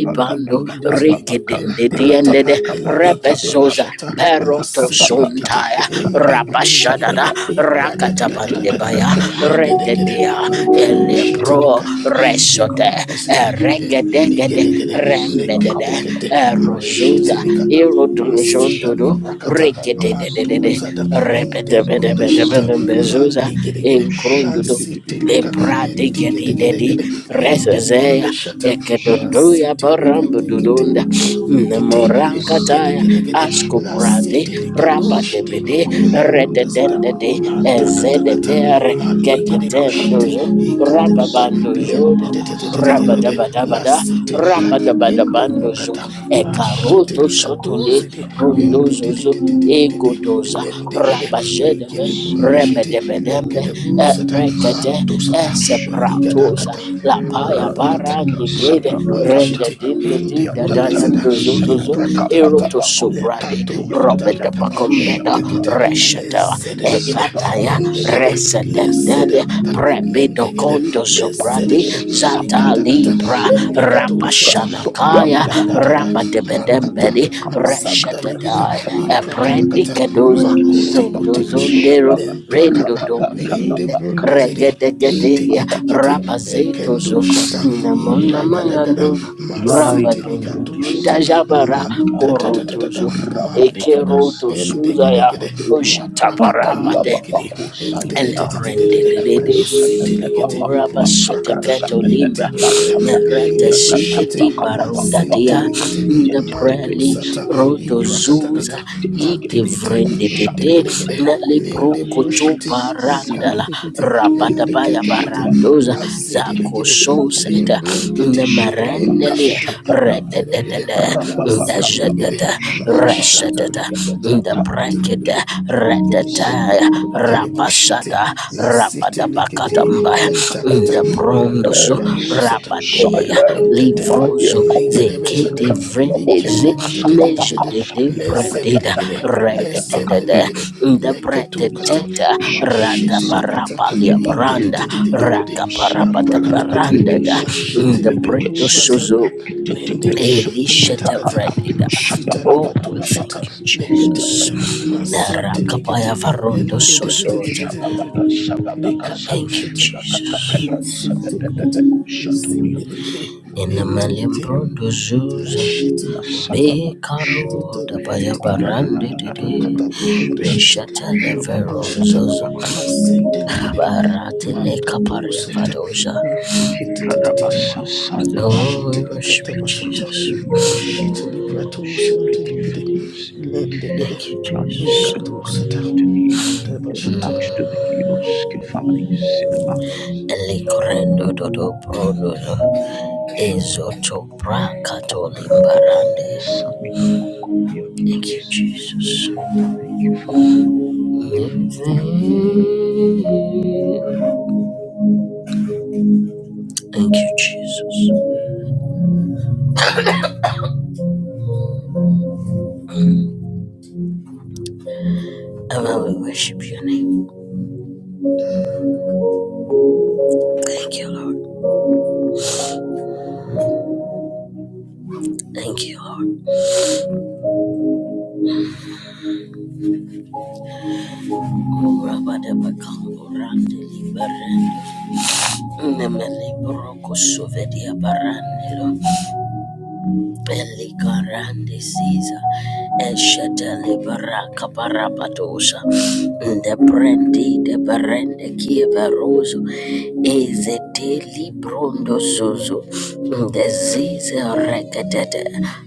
B: inde brundizibi
A: rigi
B: etekete
A: Gidindidiendede
B: eligede
A: Rebezoza
B: bashata
A: Peroto
B: masete likete
A: Suntaya
B: inde brondegede
A: Rabashadada
B: ibradadadadadadada
A: Rakatabandebaya
B: legedegede
A: Rededia
B: likadoshete
A: Elebro
B: lika inde
A: Resote
B: brondezide
A: Eregedegede
B: eligedegede
A: Rembedede
B: leketekete
A: Erozuza
D: Katabalebaya.
B: mashitelikata
A: Irodunjondodo
B: masitalirakata
A: Regedededede
B: maduzada indebrundashata
A: Rebedebedebedebedebezuza
B: maligedegede
A: Inkrundudu
B: lansitelika
A: Libra digedi dedi
B: digedegedegede
A: resezea
B: indebrundashata
A: ekedondoya barambu
B: masitelikatekete
A: dudunda
B: entikete
A: morankataya
B: eligedegedegede
A: askuprade
B: lasitelikadoshide
A: rabadebede
B: embrundazada
D: Shut
A: rededendede
B: matakatakata
A: ezededere
B: malegede boshite
A: ketetendozo
B: ikatekete
A: rababandozoda
B: lendedededededede
A: rabadabadabada
B: lasetelika ende
A: rabadabadabandozo
B: brukata
A: ekaroto
B: mashetelika
A: sotole
B: dozede
A: prondozo Ruzu
B: endedededededede
A: Iguduza
B: lendegede egede
A: Rabashedebe
B: brundeshete
A: Rebedebedembe
B: lekede
A: eh,
B: brusata
A: Rekete
B: antosata
A: Esepratosa
B: eligadakata
A: Lapaya
B: makatakata
A: Barandikede Rende
B: malebrundeshete
A: Dinde
B: ende
A: Dida
B: brundazada
A: Dayando Zuzuzu
B: liprakatakata
A: Eroto Subrade
B: Lekatum kata,
A: Robeda
B: kata
A: Bacombeda
B: entekete
A: Reshata
B: lezedelegede
A: Ekataya
B: endegede
A: Resedendele
B: lezedekata
A: Prebido
B: lendegede
A: Kondo Subrade
B: lezedegede
A: Zatali
B: likatakata
A: Ra-
B: elikatushata
A: Rapashanakaya,
B: madadadada makata
A: Rapadebedembedi,
D: Rubebe kapana kapra
B: mazandalegede
A: Reshatadai,
D: sefele
B: iprakatakata
A: Aprendikeduza,
B: makotekotekushi
A: Zenduzunderu,
D: Shabba
A: Rendo
B: lemprakata
A: Dombedin,
B: Rundizidi,
A: Regedegedia,
B: Etikiti, Ekendo
A: Rapazetuzu,
B: Shata, Ivragadagada,
A: Namonamayanduza,
D: Yai
A: Ramba
B: Masitilikatu
D: Cambronias,
A: Dundunda
B: Shata,
A: Jabara,
D: Gagaba,
B: Madadadadada,
A: Korutuzu,
D: Rababa,
B: Malikada,
A: Ekeroto
D: Simon,
A: Suzaya,
B: Endegedegede,
D: Bababolia,
B: Liprakata
D: Avalia
A: Oshataparapate,
B: Likidi,
D: Babaco, Simona,
B: Endededededede,
A: Eleprendede,
B: Lisitilikiti,
A: Uraba
B: Liprakata,
A: Seteketo Libra,
B: Edigedegede,
A: Merete Side di Barunda
B: Lindibushiti,
A: Dia,
B: intelekete mandu
A: Ndabreli
B: sata
A: Rodo
B: iprakatakata
A: Zuza, Yidi
B: matekete
A: Vrende Tete,
B: indegedegede
A: Nelly
B: linde
A: Prokoto
B: brushiti
A: Barandala,
B: ikantekete
A: Rapatabaya
B: eliketekete
A: Barandoza, Zako
B: lazidelegede
D: Shabbos,
A: Soseta,
B: limbrunkiti
D: Shatapaka
A: Nemarenele,
B: lindeshiti
D: shataka
B: ikeregede
A: Rededede,
D: rapapaka
B: lazidelegede
A: Ndajadada,
D: papako shatapako
A: Resetata,
B: mashatalikata
D: yatata
A: rekede
B: madebude
D: briketete
B: indegede
A: redetaya
D: sipapapapa
B: Kerebushite,
A: rapasada
B: la sete likiti,
A: rapadabakatambaya
D: rubeka
B: intakata,
A: ndebrondozo
B: malibrado
D: isi
B: sata,
A: rabadeya
D: sile
B: etentete,
D: madia
A: livrozo
B: eligede bejede,
A: zekete
D: kompeteka papako
B: likende
A: vrendeze
B: de de de de de de
D: sapapaka
B: de
A: nejedede
D: sile da
B: lezede
A: prededa
D: briketete
B: legede,
D: briketete baka
B: lezende
A: redededede
B: legede, leketu
D: Ita
B: kata,
A: ndebredeteta
D: Jabrakas
B: mashite likata, in
D: Afrikipa
B: de de
A: radabarapaliabranda
B: de de de de de de,
D: Rubikes
B: la prakata kata.
D: Rubikes
A: rakaparapatabarandada
B: Mashete likiru
D: Rubikes
A: ndebredosozo
B: bazanda lendegede
A: Elisha
B: intakata
D: Tepesutakata
A: Tavredida.
B: masita
A: Oh,
B: likatoshete
A: thank you,
D: Shababakasi Yata
A: Jesus.
B: leketekete masinte
D: Sabakas
A: Rakapaya
B: likete
A: Varondo Sosota.
D: Shababaka
B: endededededededede
D: Sababakasai
A: Thank you,
B: likatoshete
D: Yata
A: Jesus.
D: Prekas
B: masinte likete
D: Shatoria.
B: izinde ligide
D: Oh,
A: In the
D: thank you, Lord.
B: etikete
A: Malimbrondo Zuza.
B: lashete liprakata
A: Be
D: Nasababakush
A: caro,
B: sete
A: Dabaya
B: liketetete
D: Yana
A: Barande
B: tokata
A: Dede.
D: Shabrana
B: liprondeshete
A: Resha Televero
D: Shababa.
B: endebroshete
A: Zozo.
B: masinte ligide
A: Baratele Kaparia
B: makatosata
A: Vadoza.
B: matinte
A: Oh, we
D: Kifradabasasadabaraki,
B: Shitili
A: worship you,
B: katabashata.
A: Jesus.
B: Shitili
D: Ruseliadamekidibigo,
B: pratu sentili gede.
D: Shabrikifedis,
B: Lende gede.
A: Thank you,
D: Iglanis,
A: Jesus.
B: Inkatu
D: Dungra,
B: sata.
D: Ita, Ida, Ida,
A: Mm.
D: Axtodakiros, Kefani, Cinemanos,
A: Elikorendo Dodo Brodo.
D: Shanaku,
A: Izotopra
D: Rapikandi,
A: Barande.
D: Saminaku,
A: Thank you,
D: Kopiakitis.
A: Jesus.
D: Thank you, Father. Thank you,
A: Thank
D: Father.
A: you, Jesus. And Lord, we worship your name. Thank you, Lord. Thank you, Lord. Rabadabakambo Rande Libarande. Memele Baroko Sovedia Barande. Lord. Elikarandi Caesar, Esheteli Baraka Barabatosa, the Brendi, the Berende Kieveroso, Ezeteli Brondo Sozo, the Ziza Recatete,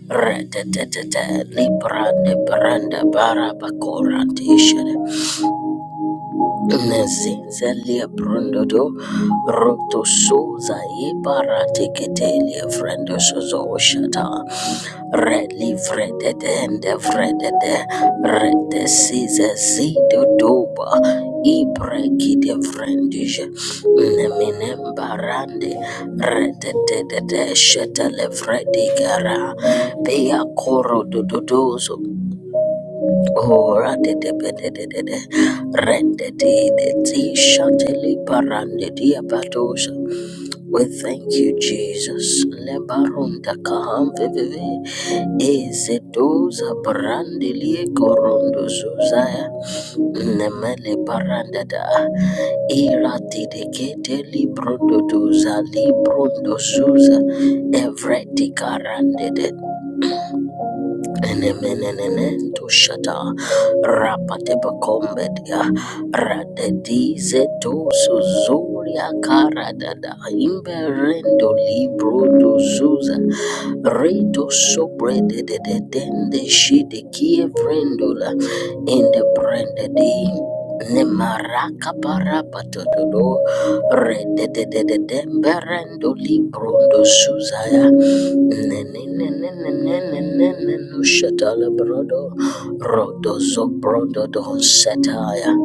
A: Retatete, Librande Branda Barabacorandisha, Mezizelia Brundodo Roto Suza Ibaratikitelia Frendo Suzo Shata Redli Frededende Fredede Rede Size Zido Doba Ibrekide Frendija Neminembarande Rededede Shetele Fredigara Pia Koro Dodozo Kora de de de de de de de. Rende de de ti shateli parande dia patosa. We thank you, Jesus. Lebarunda kaham veveve. Ezetoza brande lie korondo zuzaya. Nemele baranda da. Ira de de kete librondo doza librondo suza. Evreti karande Enemenenementushata rapatepakombedia radedizetusuzuria karadada imberendo libroduzuza reto sobredededende shidekievrendula indeprendedi nemaraka parapatododo rededededemberendo librondosuzaya Shatala brodo, rodo zo brodo don sataya,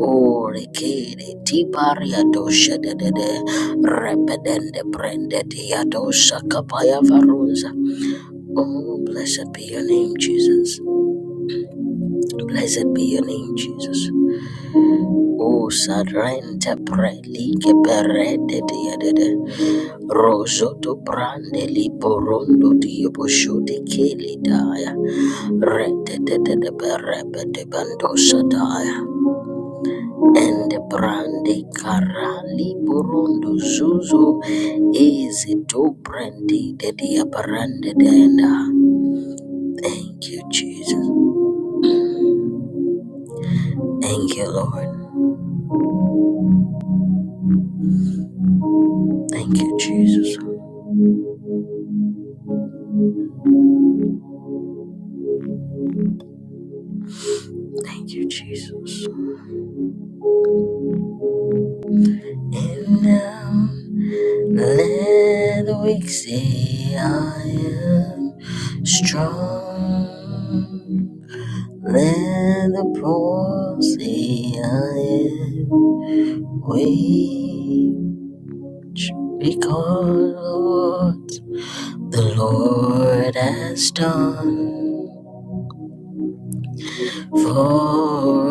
A: ore kere ti paria do shadede, repedende brende diado sakapaya varunza. Oh, blessed be your name, Jesus. Blessed be your name, Jesus. Oh, sarrente preli che perede diadede, roso to brande li borondo di obosho di che li daia. Re-de-de-de-de-be-re-be-de-bando-shadaya. And brande karali burundo zuzu is to brandy de brande denda. Thank you, Jesus. Thank you, Lord. Thank you, Jesus. Thank you, Jesus. And now let the weak say I am strong. Let the poor say I am rich because of what the Lord has done for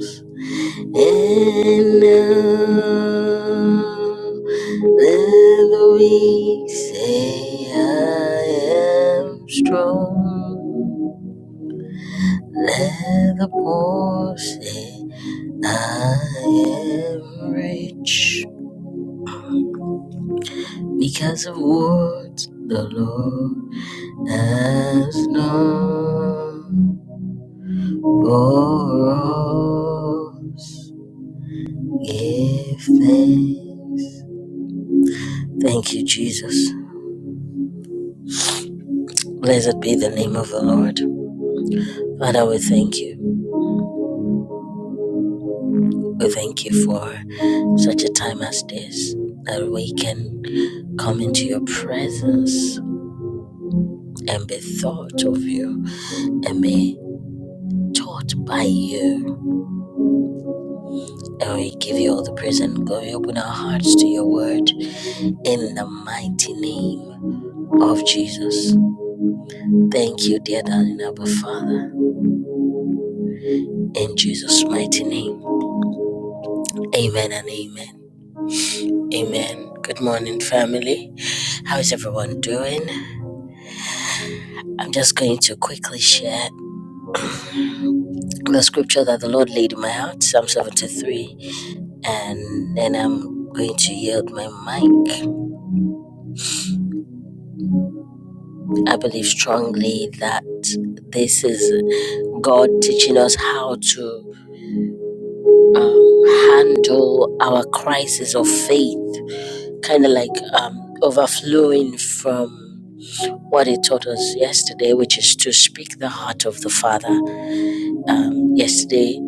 A: us. And now let the weak say I am strong. Let the poor say I am rich because of what the Lord has done for us. Give thanks. Thank you, Jesus. Blessed be the name of the Lord. Father, we thank you. We thank you for such a time as this that we can come into your presence and be thought of you and be taught by you. And we give you all the praise and glory. Open our hearts to your word in the mighty name of Jesus. Thank you, dear darling Abba Father, in Jesus' mighty name. Amen and amen. Amen. Good morning, family. How is everyone doing? I'm just going to quickly share the scripture that the Lord laid in my heart, Psalm 73, and then I'm going to yield my mic. I believe strongly that this is God teaching us how to um, handle our crisis of faith, kind of like um, overflowing from what He taught us yesterday, which is to speak the heart of the Father. Um, yesterday,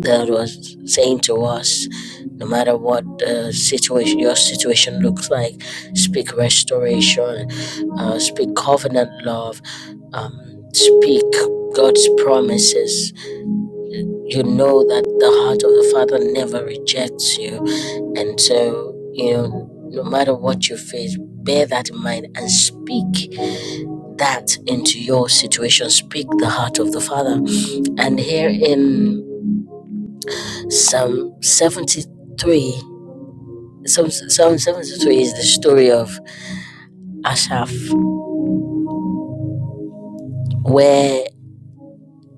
A: God was saying to us, no matter what the situation, your situation looks like, speak restoration, uh, speak covenant love, um, speak God's promises you know that the heart of the Father never rejects you. And so, you know, no matter what you face, bear that in mind and speak that into your situation. Speak the heart of the Father. And here in Psalm 73, Psalm, Psalm 73 is the story of Asaph, where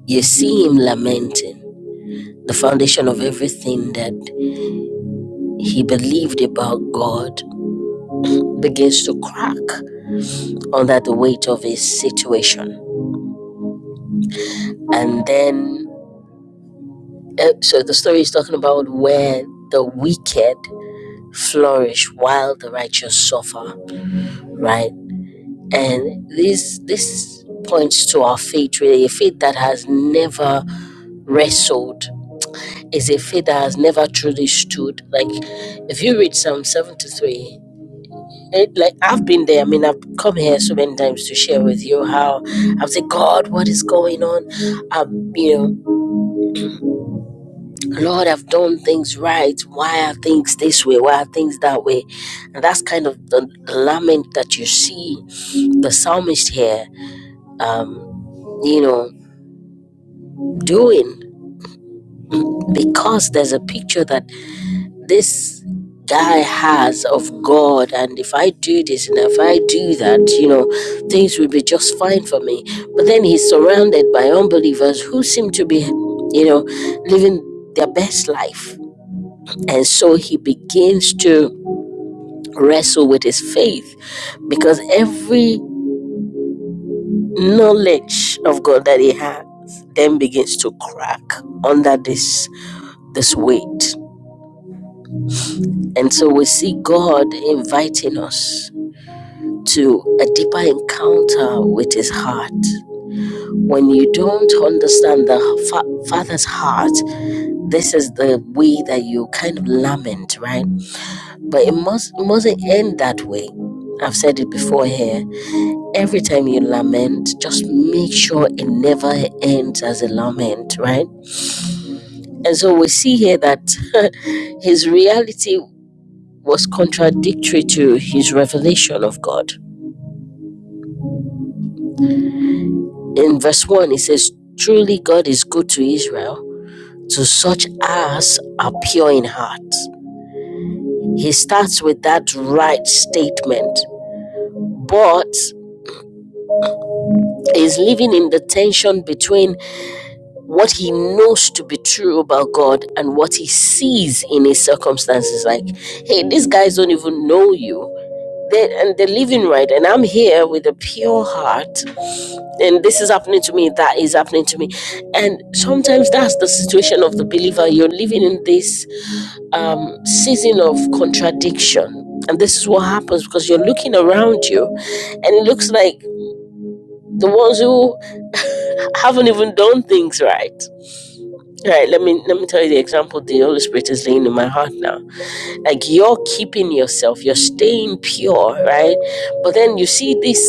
A: you see him lamenting. The foundation of everything that he believed about God begins to crack under the weight of his situation. And then, eh, so the story is talking about where the wicked flourish while the righteous suffer, right? And this this points to our faith, really, a faith that has never wrestled, is a faith that has never truly stood. Like, if you read Psalm 73, it, like I've been there. I mean, I've come here so many times to share with you how I've said, God, what is going on? Um, you know, Lord, I've done things right. Why are things this way? Why are things that way? And that's kind of the, the lament that you see the psalmist here, um, you know, doing because there's a picture that this guy has of God. And if I do this and if I do that, you know, things will be just fine for me. But then he's surrounded by unbelievers who seem to be, you know, living their best life. And so he begins to wrestle with his faith because every knowledge of God that he has then begins to crack under this this weight. And so we see God inviting us to a deeper encounter with his heart. When you don't understand the fa- father's heart, this is the way that you kind of lament, right? But it must it mustn't end that way. I've said it before here Every time you lament, just make sure it never ends as a lament, right? And so we see here that his reality was contradictory to his revelation of God. In verse 1, it says, Truly God is good to Israel, to such as are pure in heart. He starts with that right statement, but is living in the tension between what he knows to be true about God and what he sees in his circumstances. Like, hey, these guys don't even know you. They, and they're living right. And I'm here with a pure heart. And this is happening to me. That is happening to me. And sometimes that's the situation of the believer. You're living in this um, season of contradiction. And this is what happens because you're looking around you and it looks like the ones who haven't even done things right. Right, let me let me tell you the example the Holy Spirit is laying in my heart now. Like you're keeping yourself, you're staying pure, right? But then you see these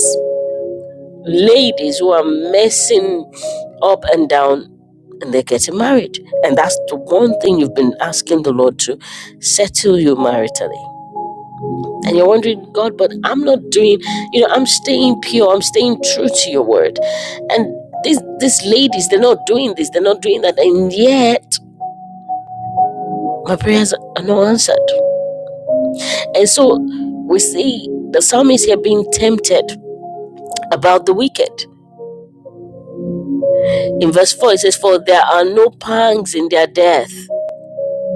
A: ladies who are messing up and down and they're getting married. And that's the one thing you've been asking the Lord to settle you maritally. And you're wondering, God, but I'm not doing, you know, I'm staying pure, I'm staying true to your word. And these these ladies, they're not doing this, they're not doing that, and yet Her prayers are not answered. And so we see the psalmist here being tempted about the wicked. In verse 4, it says, For there are no pangs in their death.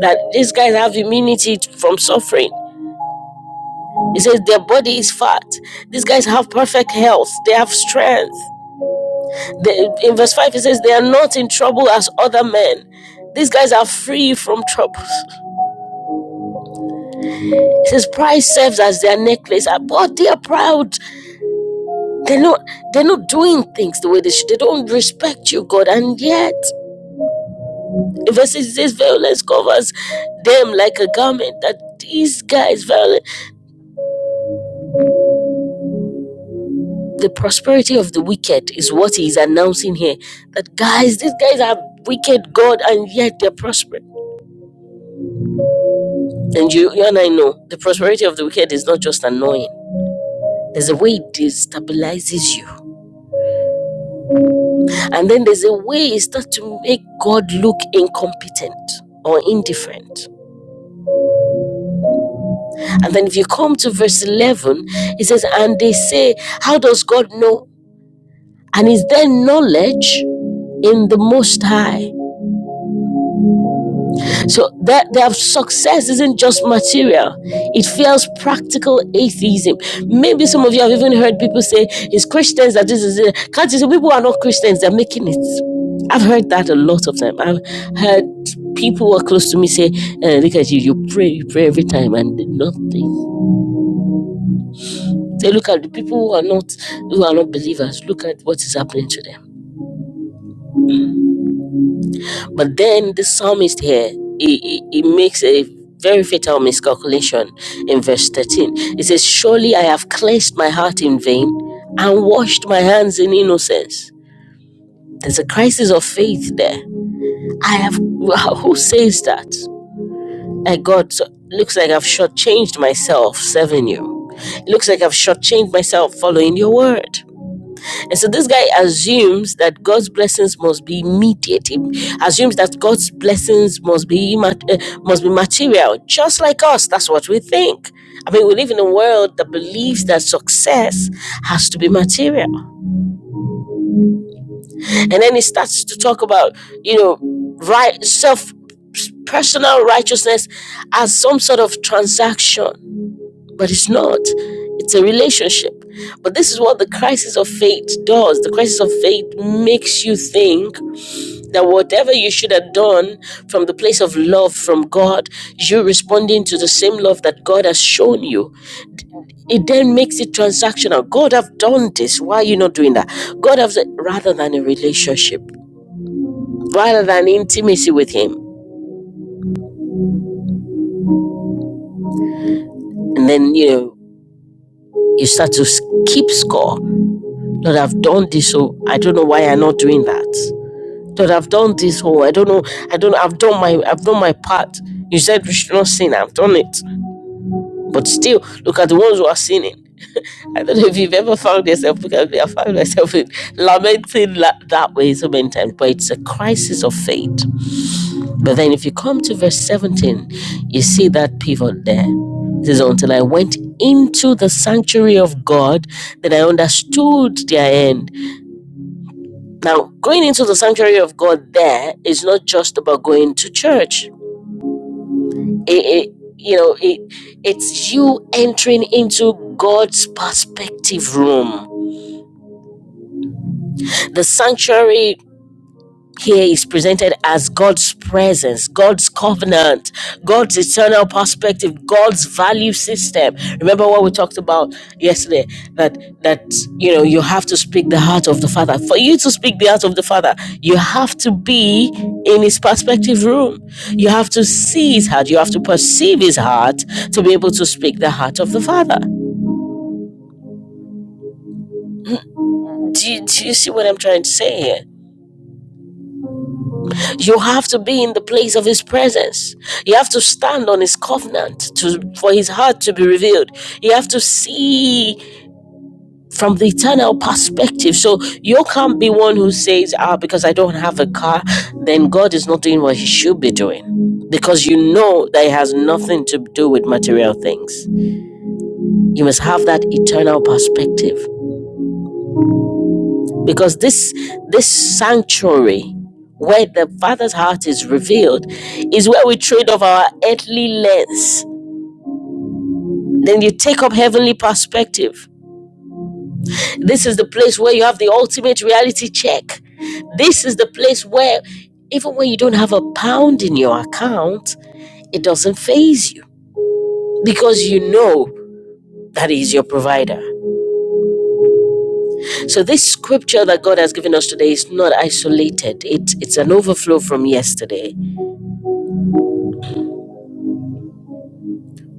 A: That these guys have immunity from suffering. It says their body is fat. These guys have perfect health. They have strength. They, in verse 5, it says they are not in trouble as other men. These guys are free from troubles. It says pride serves as their necklace. Ah, But they are proud. They're not they're not doing things the way they should. They don't respect you, God. And yet, the verse six, it says this violence covers them like a garment. That these guys violent. The prosperity of the wicked is what he's announcing here. That guys, these guys are wicked God, and yet they're prospering. And you, you and I know the prosperity of the wicked is not just annoying. There's a way it destabilizes you. And then there's a way it starts to make God look incompetent or indifferent. And then if you come to verse 11, it says, And they say, How does God know? And is there knowledge in the Most High? So that their success isn't just material, it feels practical atheism. Maybe some of you have even heard people say, It's Christians that this is it. Can't you see people are not Christians, they're making it? I've heard that a lot of time. I've heard people who are close to me say, uh, look at you, you pray, you pray every time and nothing. They look at the people who are not who are not believers. Look at what is happening to them. But then the psalmist here he, he, he makes a very fatal miscalculation in verse 13. It says, Surely I have cleansed my heart in vain and washed my hands in innocence. There's a crisis of faith there. I have, wow, who says that? I God, so, looks like I've shortchanged myself serving you. It looks like I've shortchanged myself following your word. And so this guy assumes that God's blessings must be immediate. He assumes that God's blessings must be uh, must be material, just like us. That's what we think. I mean, we live in a world that believes that success has to be material. And then he starts to talk about, you know, right self personal righteousness as some sort of transaction but it's not. It's a relationship. But this is what the crisis of faith does. The crisis of faith makes you think that whatever you should have done from the place of love from God, you're responding to the same love that God has shown you. It then makes it transactional. God have done this. Why are you not doing that? God have said, rather than a relationship, rather than intimacy with Him. And then, you know, you start to keep score. Lord, I've done this, so I don't know why I'm not doing that. that I've done this whole. I don't know. I don't. I've done my. I've done my part. You said we should not sin. I've done it. But still, look at the ones who are sinning. I don't know if you've ever found yourself. Because I found myself in lamenting la- that way so many times. But it's a crisis of faith. But then, if you come to verse seventeen, you see that pivot there. It says, "Until I went into the sanctuary of God, then I understood their end." Now, going into the sanctuary of God there is not just about going to church It, it, you know, it, it's you entering into God's perspective room. The sanctuary Here is presented as God's presence, God's covenant, God's eternal perspective, God's value system. Remember what we talked about yesterday that that you know you have to speak the heart of the Father. For you to speak the heart of the Father, you have to be in his perspective room. You have to see his heart, you have to perceive his heart to be able to speak the heart of the Father. Do you, do you see what I'm trying to say here? You have to be in the place of His presence. You have to stand on His covenant to, for His heart to be revealed. You have to see from the eternal perspective. So you can't be one who says, ah, because I don't have a car, then God is not doing what He should be doing. Because you know that it has nothing to do with material things. You must have that eternal perspective. because this this sanctuary where the father's heart is revealed is where we trade off our earthly lens then you take up heavenly perspective this is the place where you have the ultimate reality check this is the place where even when you don't have a pound in your account it doesn't phase you because you know that he is your provider so this scripture that god has given us today is not isolated it, it's an overflow from yesterday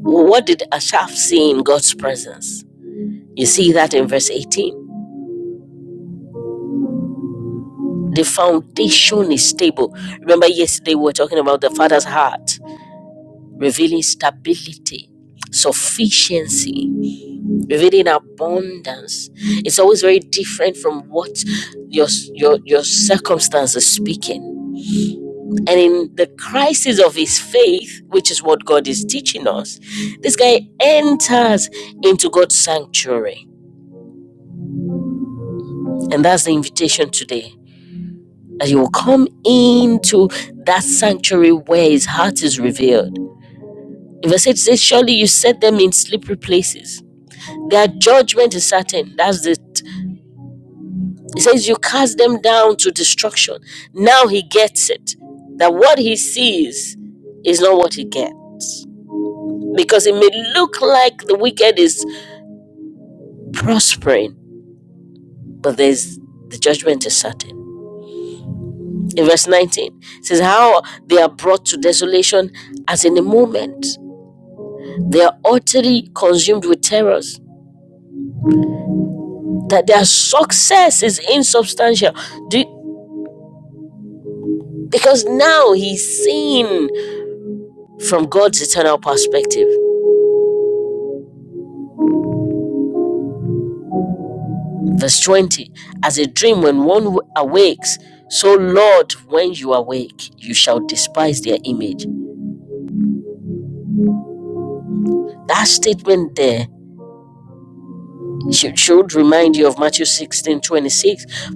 A: What did Asaph see in God's presence? You see that in verse 18. The foundation is stable. Remember, yesterday we were talking about the Father's heart, revealing stability, sufficiency, revealing abundance. It's always very different from what your, your, your circumstance is speaking. And in the crisis of his faith, which is what God is teaching us, this guy enters into God's sanctuary. And that's the invitation today that he will come into that sanctuary where his heart is revealed. In verse 8 it says, Surely you set them in slippery places. Their judgment is certain. That's it. It says, You cast them down to destruction. Now he gets it. That what he sees is not what he gets. Because it may look like the wicked is prospering, but there's the judgment is certain. In verse 19, it says, How they are brought to desolation as in a moment. They are utterly consumed with terrors. That their success is insubstantial. Do, you, because now he's seen from God's eternal perspective. Verse 20 As a dream when one awakes, so Lord, when you awake, you shall despise their image. That statement there should, should remind you of Matthew 16:26.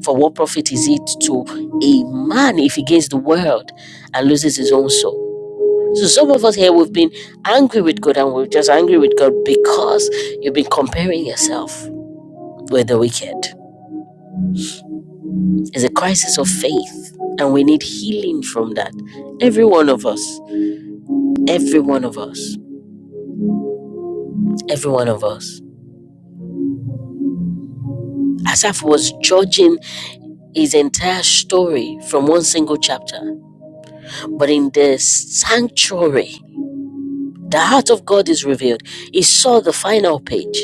A: For what profit is it to a man if he gains the world and loses his own soul? So some of us here we've been angry with God and we're just angry with God because you've been comparing yourself with the wicked. It's a crisis of faith and we need healing from that. Every one of us, every one of us, every one of us. Asaph was judging his entire story from one single chapter, but in the sanctuary, the heart of God is revealed. He saw the final page.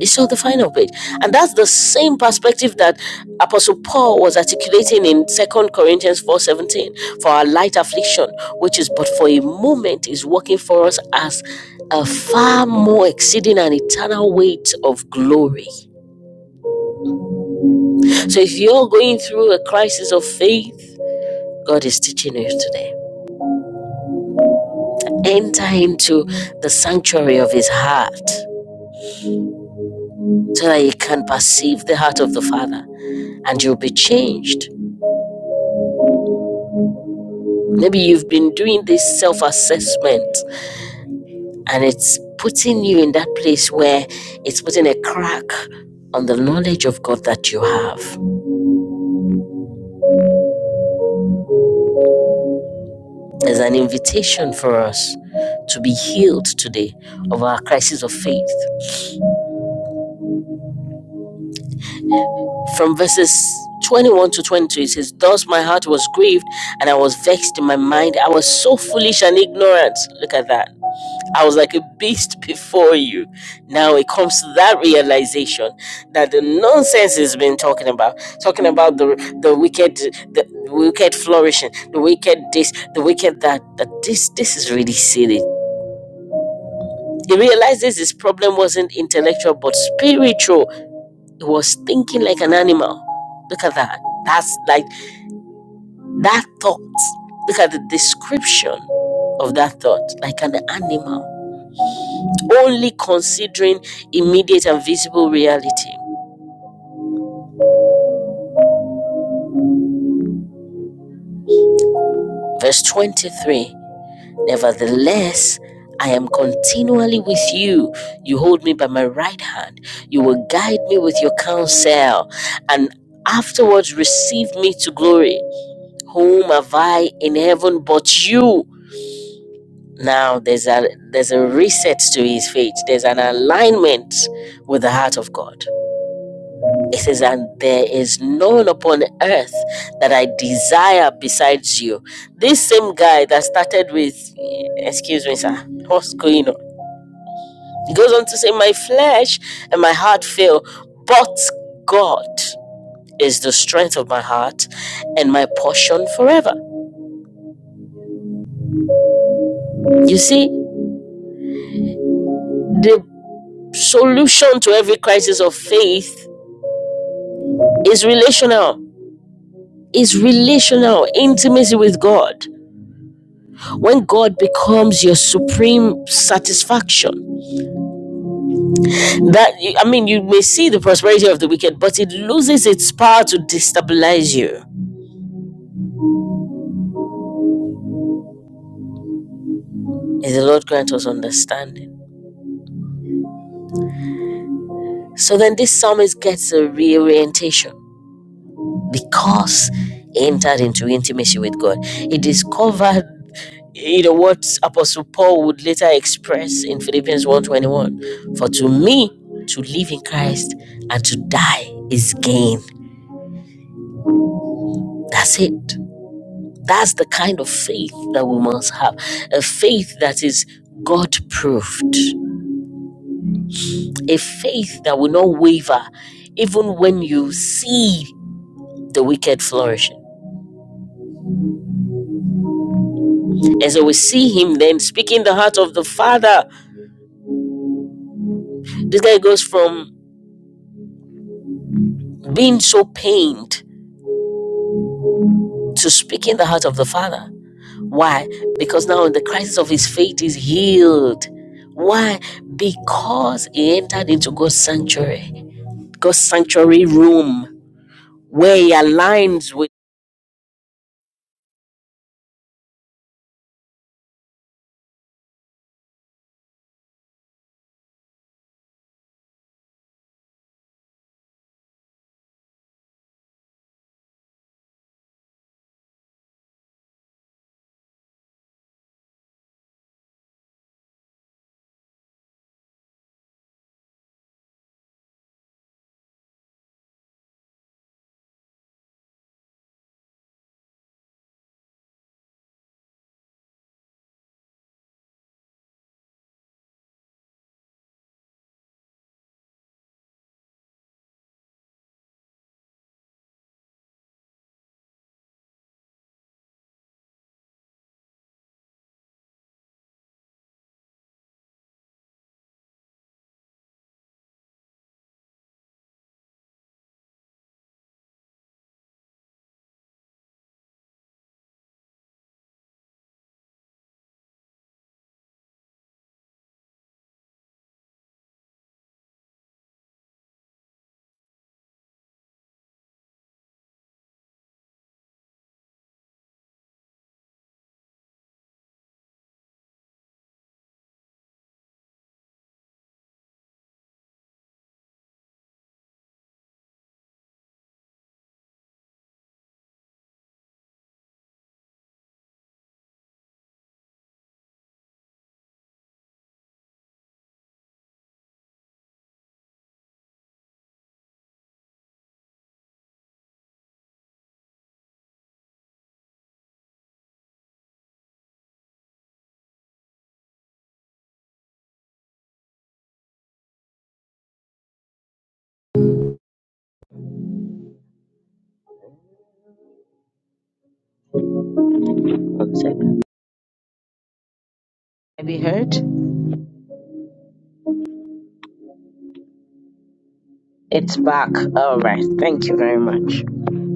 A: is so the final page, and that's the same perspective that apostle paul was articulating in Second corinthians 4.17 for our light affliction which is but for a moment is working for us as a far more exceeding and eternal weight of glory so if you're going through a crisis of faith god is teaching you today enter into the sanctuary of his heart so that you can perceive the heart of the father and you'll be changed Maybe you've been doing this self assessment and it's putting you in that place where it's putting a crack on the knowledge of God that you have. There's an invitation for us to be healed today of our crisis of faith. From verses 21 to 22, it says, Thus my heart was grieved and I was vexed in my mind. I was so foolish and ignorant. Look at that. I was like a beast before you. Now it comes to that realization that the nonsense has been talking about, talking about the the wicked, the wicked flourishing, the wicked this, the wicked that. That this this is really silly. He realizes his problem wasn't intellectual but spiritual. He was thinking like an animal. Look at that. That's like that thought. Look at the description of that thought, like an animal only considering immediate and visible reality. Verse 23 Nevertheless, I am continually with you. You hold me by my right hand. You will guide me with your counsel, and afterwards receive me to glory. Whom have I in heaven but you? Now there's a there's a reset to his faith. There's an alignment with the heart of God. It says, And there is none upon earth that I desire besides you. This same guy that started with, Excuse me, sir, what's going on? He goes on to say, My flesh and my heart fail, but God is the strength of my heart and my portion forever. You see, the solution to every crisis of faith is relational, is relational intimacy with God. when God becomes your supreme satisfaction. That I mean, you may see the prosperity of the wicked, but it loses its power to destabilize you. May the Lord grant us understanding. So then, this psalmist gets a reorientation because he entered into intimacy with God. He discovered. You know what Apostle Paul would later express in Philippians one twenty one: For to me, to live in Christ and to die is gain. That's it. That's the kind of faith that we must have a faith that is God proved, a faith that will not waver even when you see the wicked flourishing. And so we see him then speaking the heart of the Father. This guy goes from being so pained to speaking the heart of the Father. Why? Because now the crisis of his faith is healed. Why? Because he entered into God's sanctuary, God's sanctuary room where he aligns with. One second. I be heard? It's back. All right. Thank you very much.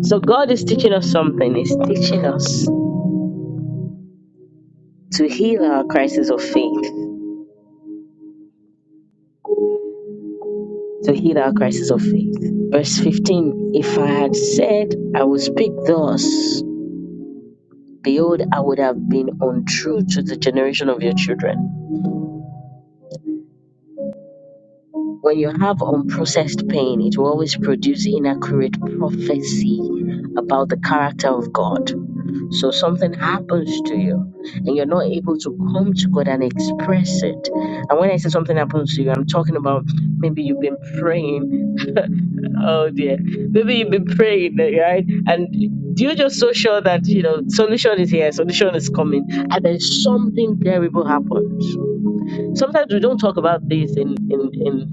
A: So God is teaching us something. He's teaching us to heal our crisis of faith. To heal our crisis of faith. Verse 15 If I had said I would speak thus, behold, I would have been untrue to the generation of your children. When you have unprocessed pain, it will always produce inaccurate prophecy about the character of God. So something happens to you and you're not able to come to God and express it. And when I say something happens to you, I'm talking about maybe you've been praying. oh dear. Maybe you've been praying, right? And you're just so sure that, you know, solution is here, solution is coming. And then something terrible happens. Sometimes we don't talk about this in, in, in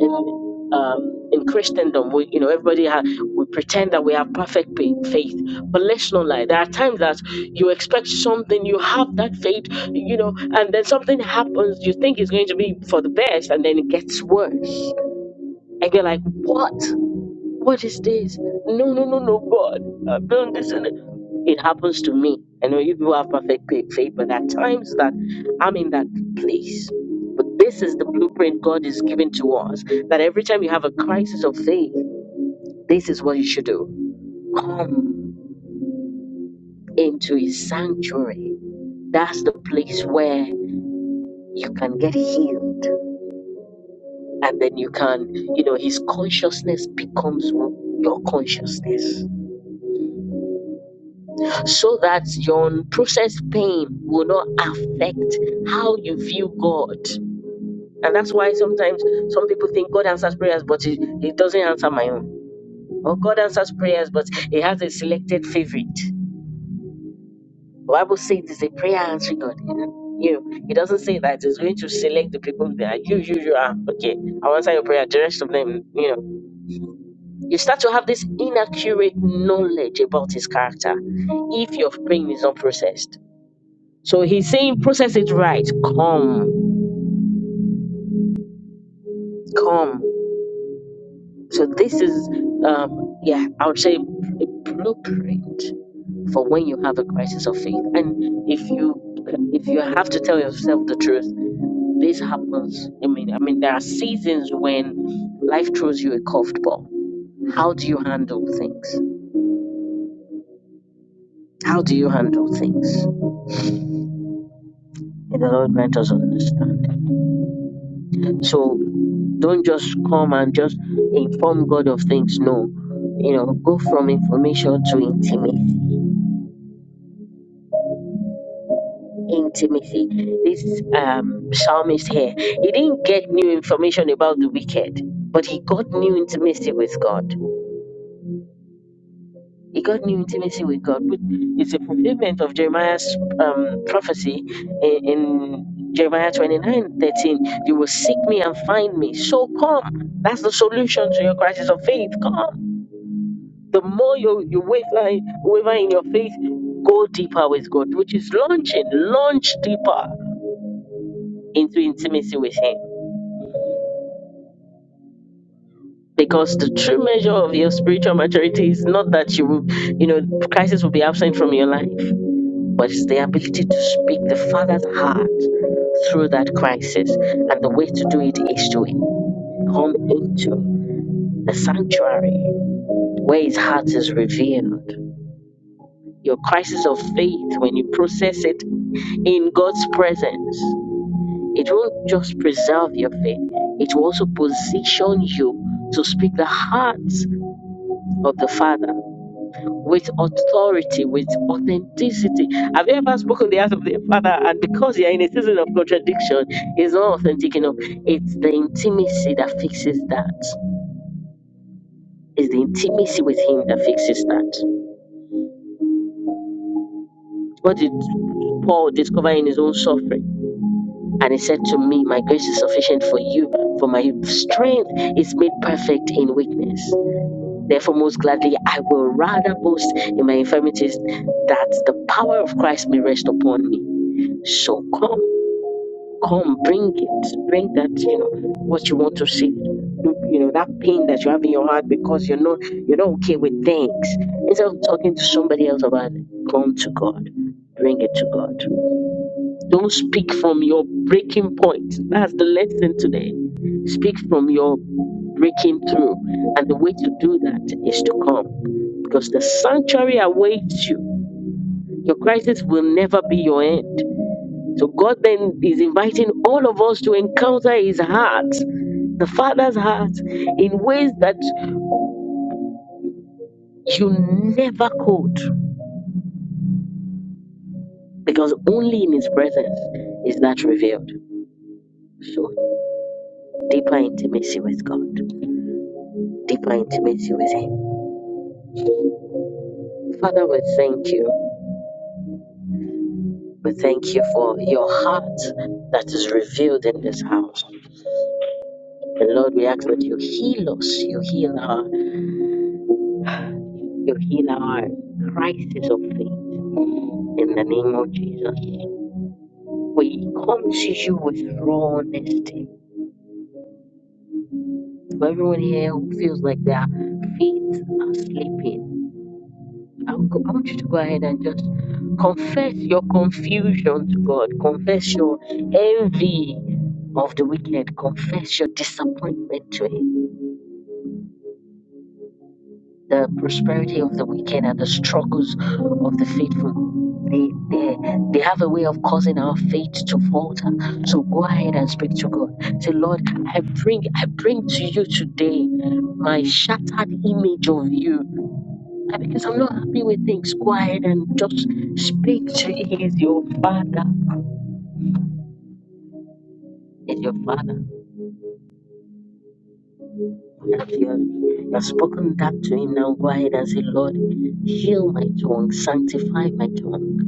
A: in um, in Christendom, we you know everybody ha- we pretend that we have perfect pa- faith, but let's not lie. There are times that you expect something, you have that faith, you know, and then something happens. You think it's going to be for the best, and then it gets worse, and you're like, "What? What is this? No, no, no, no, God, I've done this." and it happens to me. I know you people have perfect fa- faith, but at times that I'm in that place. But this is the blueprint God is giving to us that every time you have a crisis of faith, this is what you should do. Come into His sanctuary. That's the place where you can get healed. And then you can, you know, His consciousness becomes your consciousness so that your processed pain will not affect how you view God. And that's why sometimes some people think God answers prayers, but He, he doesn't answer my own. Or God answers prayers, but He has a selected favorite. The Bible says it's a prayer answering God. You know, He doesn't say that He's going to select the people that are you, you, you are. Okay, I'll answer your prayer. The rest of them, you know. You start to have this inaccurate knowledge about His character if your praying is not processed. So He's saying, process it right. Come, come. So this is, um, yeah, I would say a blueprint for when you have a crisis of faith. And if you if you have to tell yourself the truth, this happens. I mean, I mean, there are seasons when life throws you a curved ball. How do you handle things? How do you handle things? And the Lord grant us understand. So don't just come and just inform God of things. No, you know, go from information to intimacy intimacy. This um, psalmist here, he didn't get new information about the wicked, but he got new intimacy with God. He got new intimacy with God. which is a fulfillment of Jeremiah's um, prophecy in, in Jeremiah twenty-nine thirteen. 13. You will seek me and find me. So come. That's the solution to your crisis of faith. Come. The more you, you waver, waver in your faith, go deeper with God, which is launching, launch deeper into intimacy with Him because the true measure of your spiritual maturity is not that you will, you know, crisis will be absent from your life, but it's the ability to speak the Father's heart through that crisis. And the way to do it is to come into the sanctuary where His heart is revealed. Your crisis of faith, when you process it in God's presence, it won't just preserve your faith, it will also position you to speak the heart of the Father with authority, with authenticity. Have you ever spoken the heart of the Father? And because you're in a season of contradiction, it's not authentic enough. It's the intimacy that fixes that. It's the intimacy with Him that fixes that. What did Paul discover in his own suffering? And he said to me, My grace is sufficient for you, for my strength is made perfect in weakness. Therefore, most gladly, I will rather boast in my infirmities that the power of Christ may rest upon me. So come. Come, bring it. Bring that, you know, what you want to see. You know, that pain that you have in your heart because you're not you're not okay with things. Instead of talking to somebody else about it, come to God. Bring it to God. Don't speak from your breaking point. That's the lesson today. Speak from your breaking through. And the way to do that is to come because the sanctuary awaits you. Your crisis will never be your end. So God then is inviting all of us to encounter His heart, the Father's heart, in ways that you never could, because only in His presence is that revealed. So deeper intimacy with God, deeper intimacy with Him. Father, we thank you. We thank you for your heart that is revealed in this house. And Lord, we ask that you heal us, you heal our, you heal our crisis of faith in the name of Jesus. We come to you with raw honesty. For everyone here who feels like their feet are slipping, I would go- I want you to go ahead and just confess your confusion to God, confess your envy of the wicked, confess your disappointment to Him. the prosperity of the wicked and the struggles of the faithful. They, they, they have a way of causing our faith to falter. So go ahead and speak to God. Say, Lord, I bring I bring to you today my shattered image of you. And Because I'm not happy with things. Go ahead and just speak to him. He is your father. He Is your father. If you have you have spoken that to him now, go ahead and say, Lord, heal my tongue, sanctify my tongue.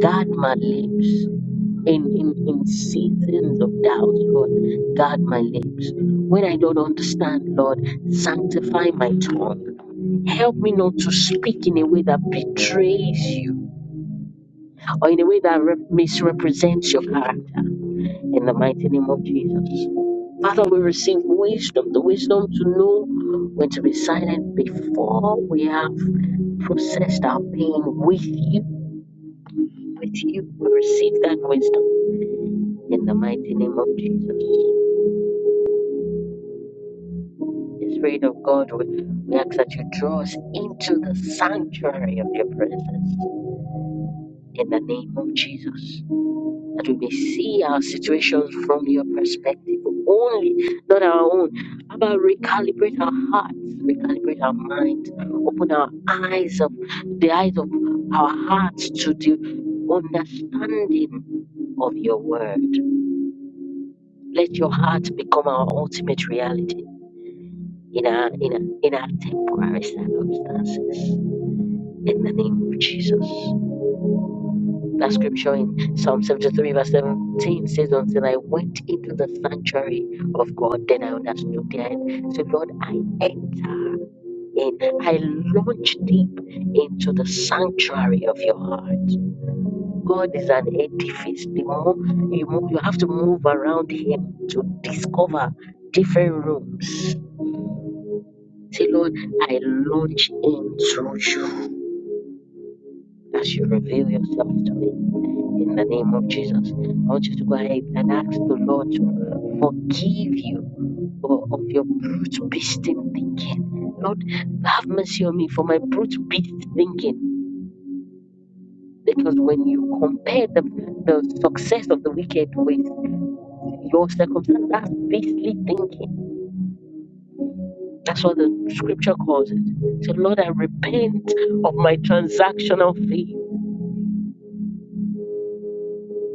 A: Guard my lips in, in, in seasons of doubt, Lord. Guard my lips. When I don't understand, Lord, sanctify my tongue. Help me not to speak in a way that betrays you or in a way that re- misrepresents your character. In the mighty name of Jesus. Father, we receive wisdom, the wisdom to know when to be silent before we have processed our pain with you. With you, we receive that wisdom. In the mighty name of Jesus, the Spirit of God, we ask that you draw us into the sanctuary of your presence. In the name of Jesus, that we may see our situations from your perspective only, not our own. About recalibrate our hearts, recalibrate our minds, open our eyes of the eyes of our hearts to the understanding of your word. Let your heart become our ultimate reality in our in our, in our temporary circumstances. In the name of Jesus. That scripture in Psalm 73, verse 17 says, Until I went into the sanctuary of God, then I understood the end. So, Lord, I enter in, I launch deep into the sanctuary of your heart. God is an edifice. The more you move, you have to move around Him to discover different rooms. Say, Lord, I launch into you. as you reveal yourself to me in the name of Jesus. I want you to go ahead and ask the Lord to forgive you of your brute beast thinking. Lord, have mercy on me for my brute beast thinking. Because when you compare the, the success of the wicked with your circumstances, that's beastly thinking. That's what the scripture calls it. So, Lord, I repent of my transactional faith.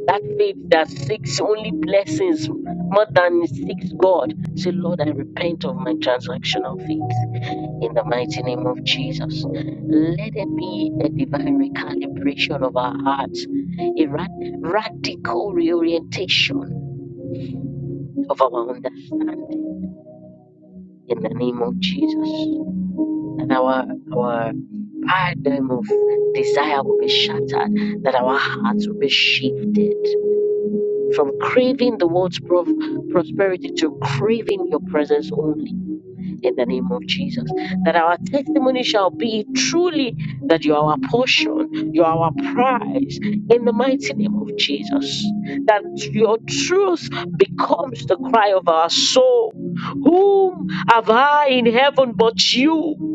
A: That faith that seeks only blessings more than seeks God. Say, Lord, I repent of my transactional faith in the mighty name of Jesus. Let there be a divine recalibration of our hearts, a rad- radical reorientation of our understanding in the name of Jesus. And our, our paradigm of desire will be shattered, that our hearts will be shifted from craving the world's pro- prosperity to craving your presence only in the name of Jesus. That our testimony shall be truly that you are our portion, you are our prize in the mighty name of Jesus. That your truth becomes the cry of our soul. Whom have I in heaven but you?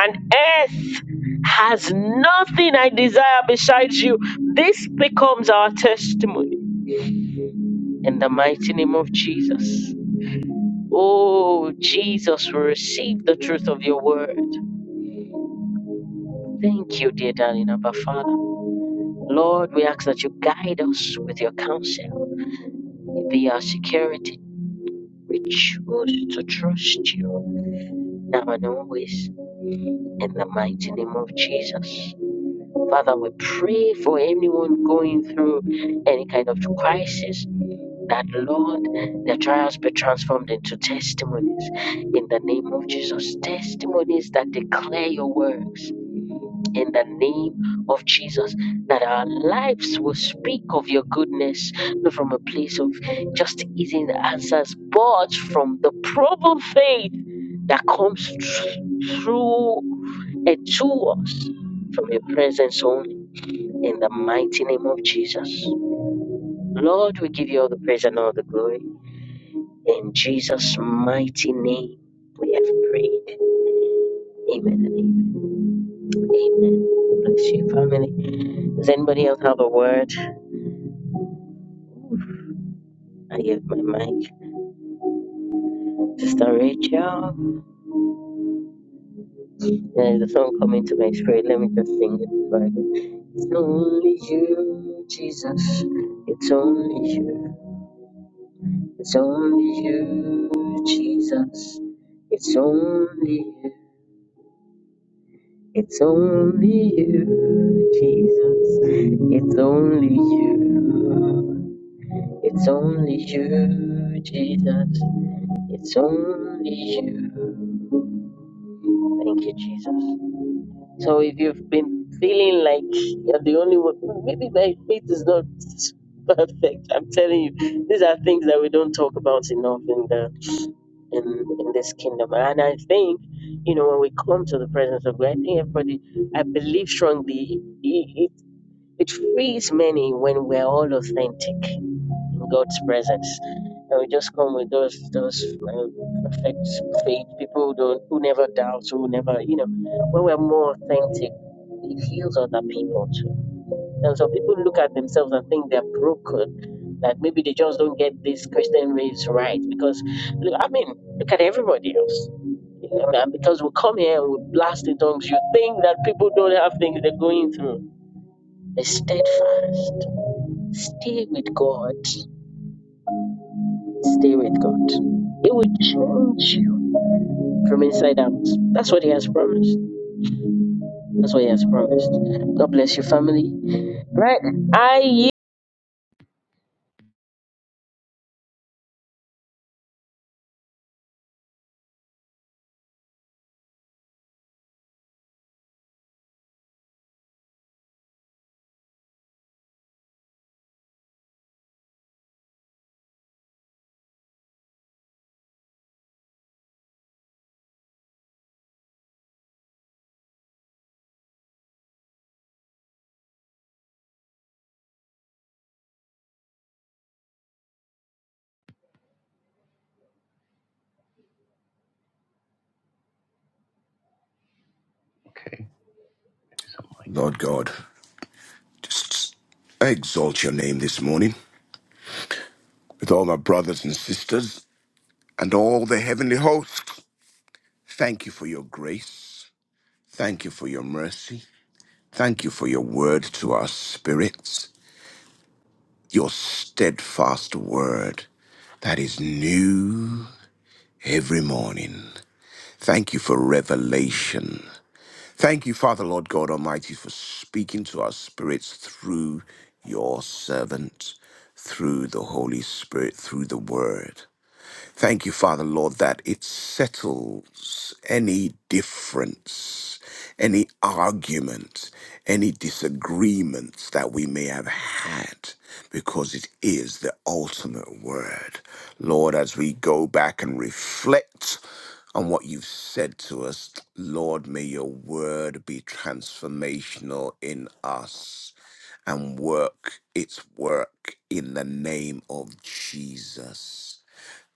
A: And earth has nothing I desire besides you. This becomes our testimony in the mighty name of Jesus. Oh, Jesus, we receive the truth of your word. Thank you, dear darling Abba Father. Lord, we ask that you guide us with your counsel. It be our security. We choose to trust you now and always in the mighty name of Jesus. Father, we pray for anyone going through any kind of crisis, That Lord, the trials be transformed into testimonies in the name of Jesus. Testimonies that declare your works in the name of Jesus. That our lives will speak of your goodness, not from a place of just easy answers, but from the proven faith that comes thr- through and to us from your presence only in the mighty name of Jesus. Lord, we give you all the praise and all the glory. In Jesus' mighty name, we have prayed. Amen and amen. Amen. Bless you, family. Does anybody else have a word? I give my mic. Sister Rachel. There's a song coming to my spirit. Let me just sing it before I go. It's only you, Jesus. It's only you. It's only you, Jesus. It's only you. It's only you, Jesus. It's only you. It's only you, Jesus. It's only you. Thank you, Jesus. So if you've been feeling like you're the only one, maybe my faith is not perfect. I'm telling you, these are things that we don't talk about enough in the in, in this kingdom. And I think, you know, when we come to the presence of God, I think everybody, I believe strongly, it, it It frees many when we're all authentic in God's presence. And we just come with those those uh, perfect faith people who don't who never doubt, who never you know. When we're more authentic, it heals other people too. And so people look at themselves and think they're broken, that maybe they just don't get this Christian race right. Because look, I mean, look at everybody else. You know, and because we come here and we blast in tongues, you think that people don't have things they're going through. They're steadfast. Stay with God. Stay with God. It will change you from inside out. That's what He has promised. That's what He has promised. God bless your family. Right. I
D: Okay, there's a mic.
E: Lord God, just I exalt your name this morning with all my brothers and sisters and all the heavenly hosts. Thank you for your grace. Thank you for your mercy. Thank you for your word to our spirits, your steadfast word that is new every morning. Thank you for revelation. Thank you, Father, Lord God Almighty, for speaking to our spirits through your servant, through the Holy Spirit, through the Word. Thank you, Father, Lord, that it settles any difference, any argument, any disagreements that we may have had, because it is the ultimate word. Lord, as we go back and reflect on what you've said to us, Lord, may your word be transformational in us and work its work in the name of Jesus.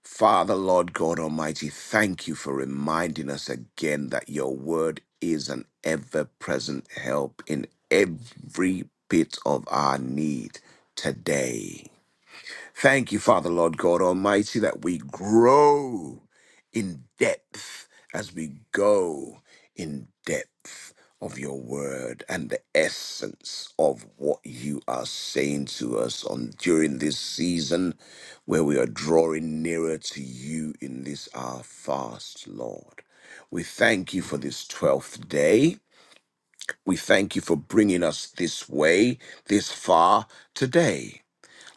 E: Father, Lord God Almighty, thank you for reminding us again that your word is an ever present help in every bit of our need today. Thank you, Father, Lord God Almighty, that we grow in depth as we go in depth of your word and the essence of what you are saying to us on during this season where we are drawing nearer to you in this our fast, Lord. We thank you for this 12th day. We thank you for bringing us this way, this far today.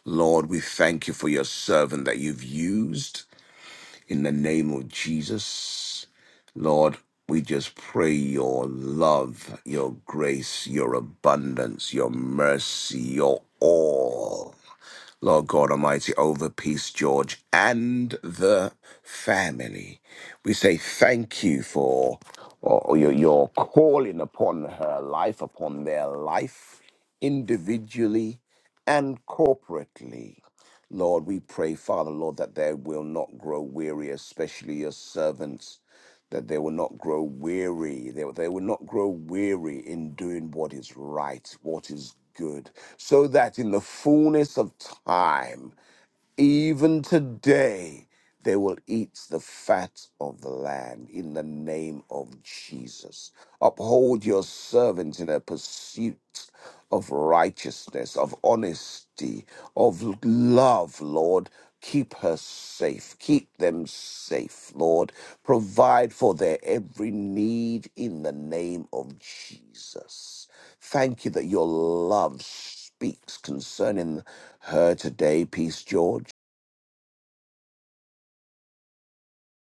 E: Lord, we thank you for your servant that you've used in the name of Jesus. Lord, we just pray your love, your grace, your abundance, your mercy, your all. Lord God Almighty, over Peace George and the family. We say thank you for or your, your calling upon her life, upon their life, individually and corporately. Lord, we pray, Father, Lord, that they will not grow weary, especially your servants that they will not grow weary. They, they will not grow weary in doing what is right, what is good, so that in the fullness of time, even today, they will eat the fat of the land in the name of Jesus. Uphold your servants in a pursuit of righteousness, of honesty, of love, Lord. Keep her safe. Keep them safe, Lord. Provide for their every need in the name of Jesus. Thank you that your love speaks concerning her today, Peace George.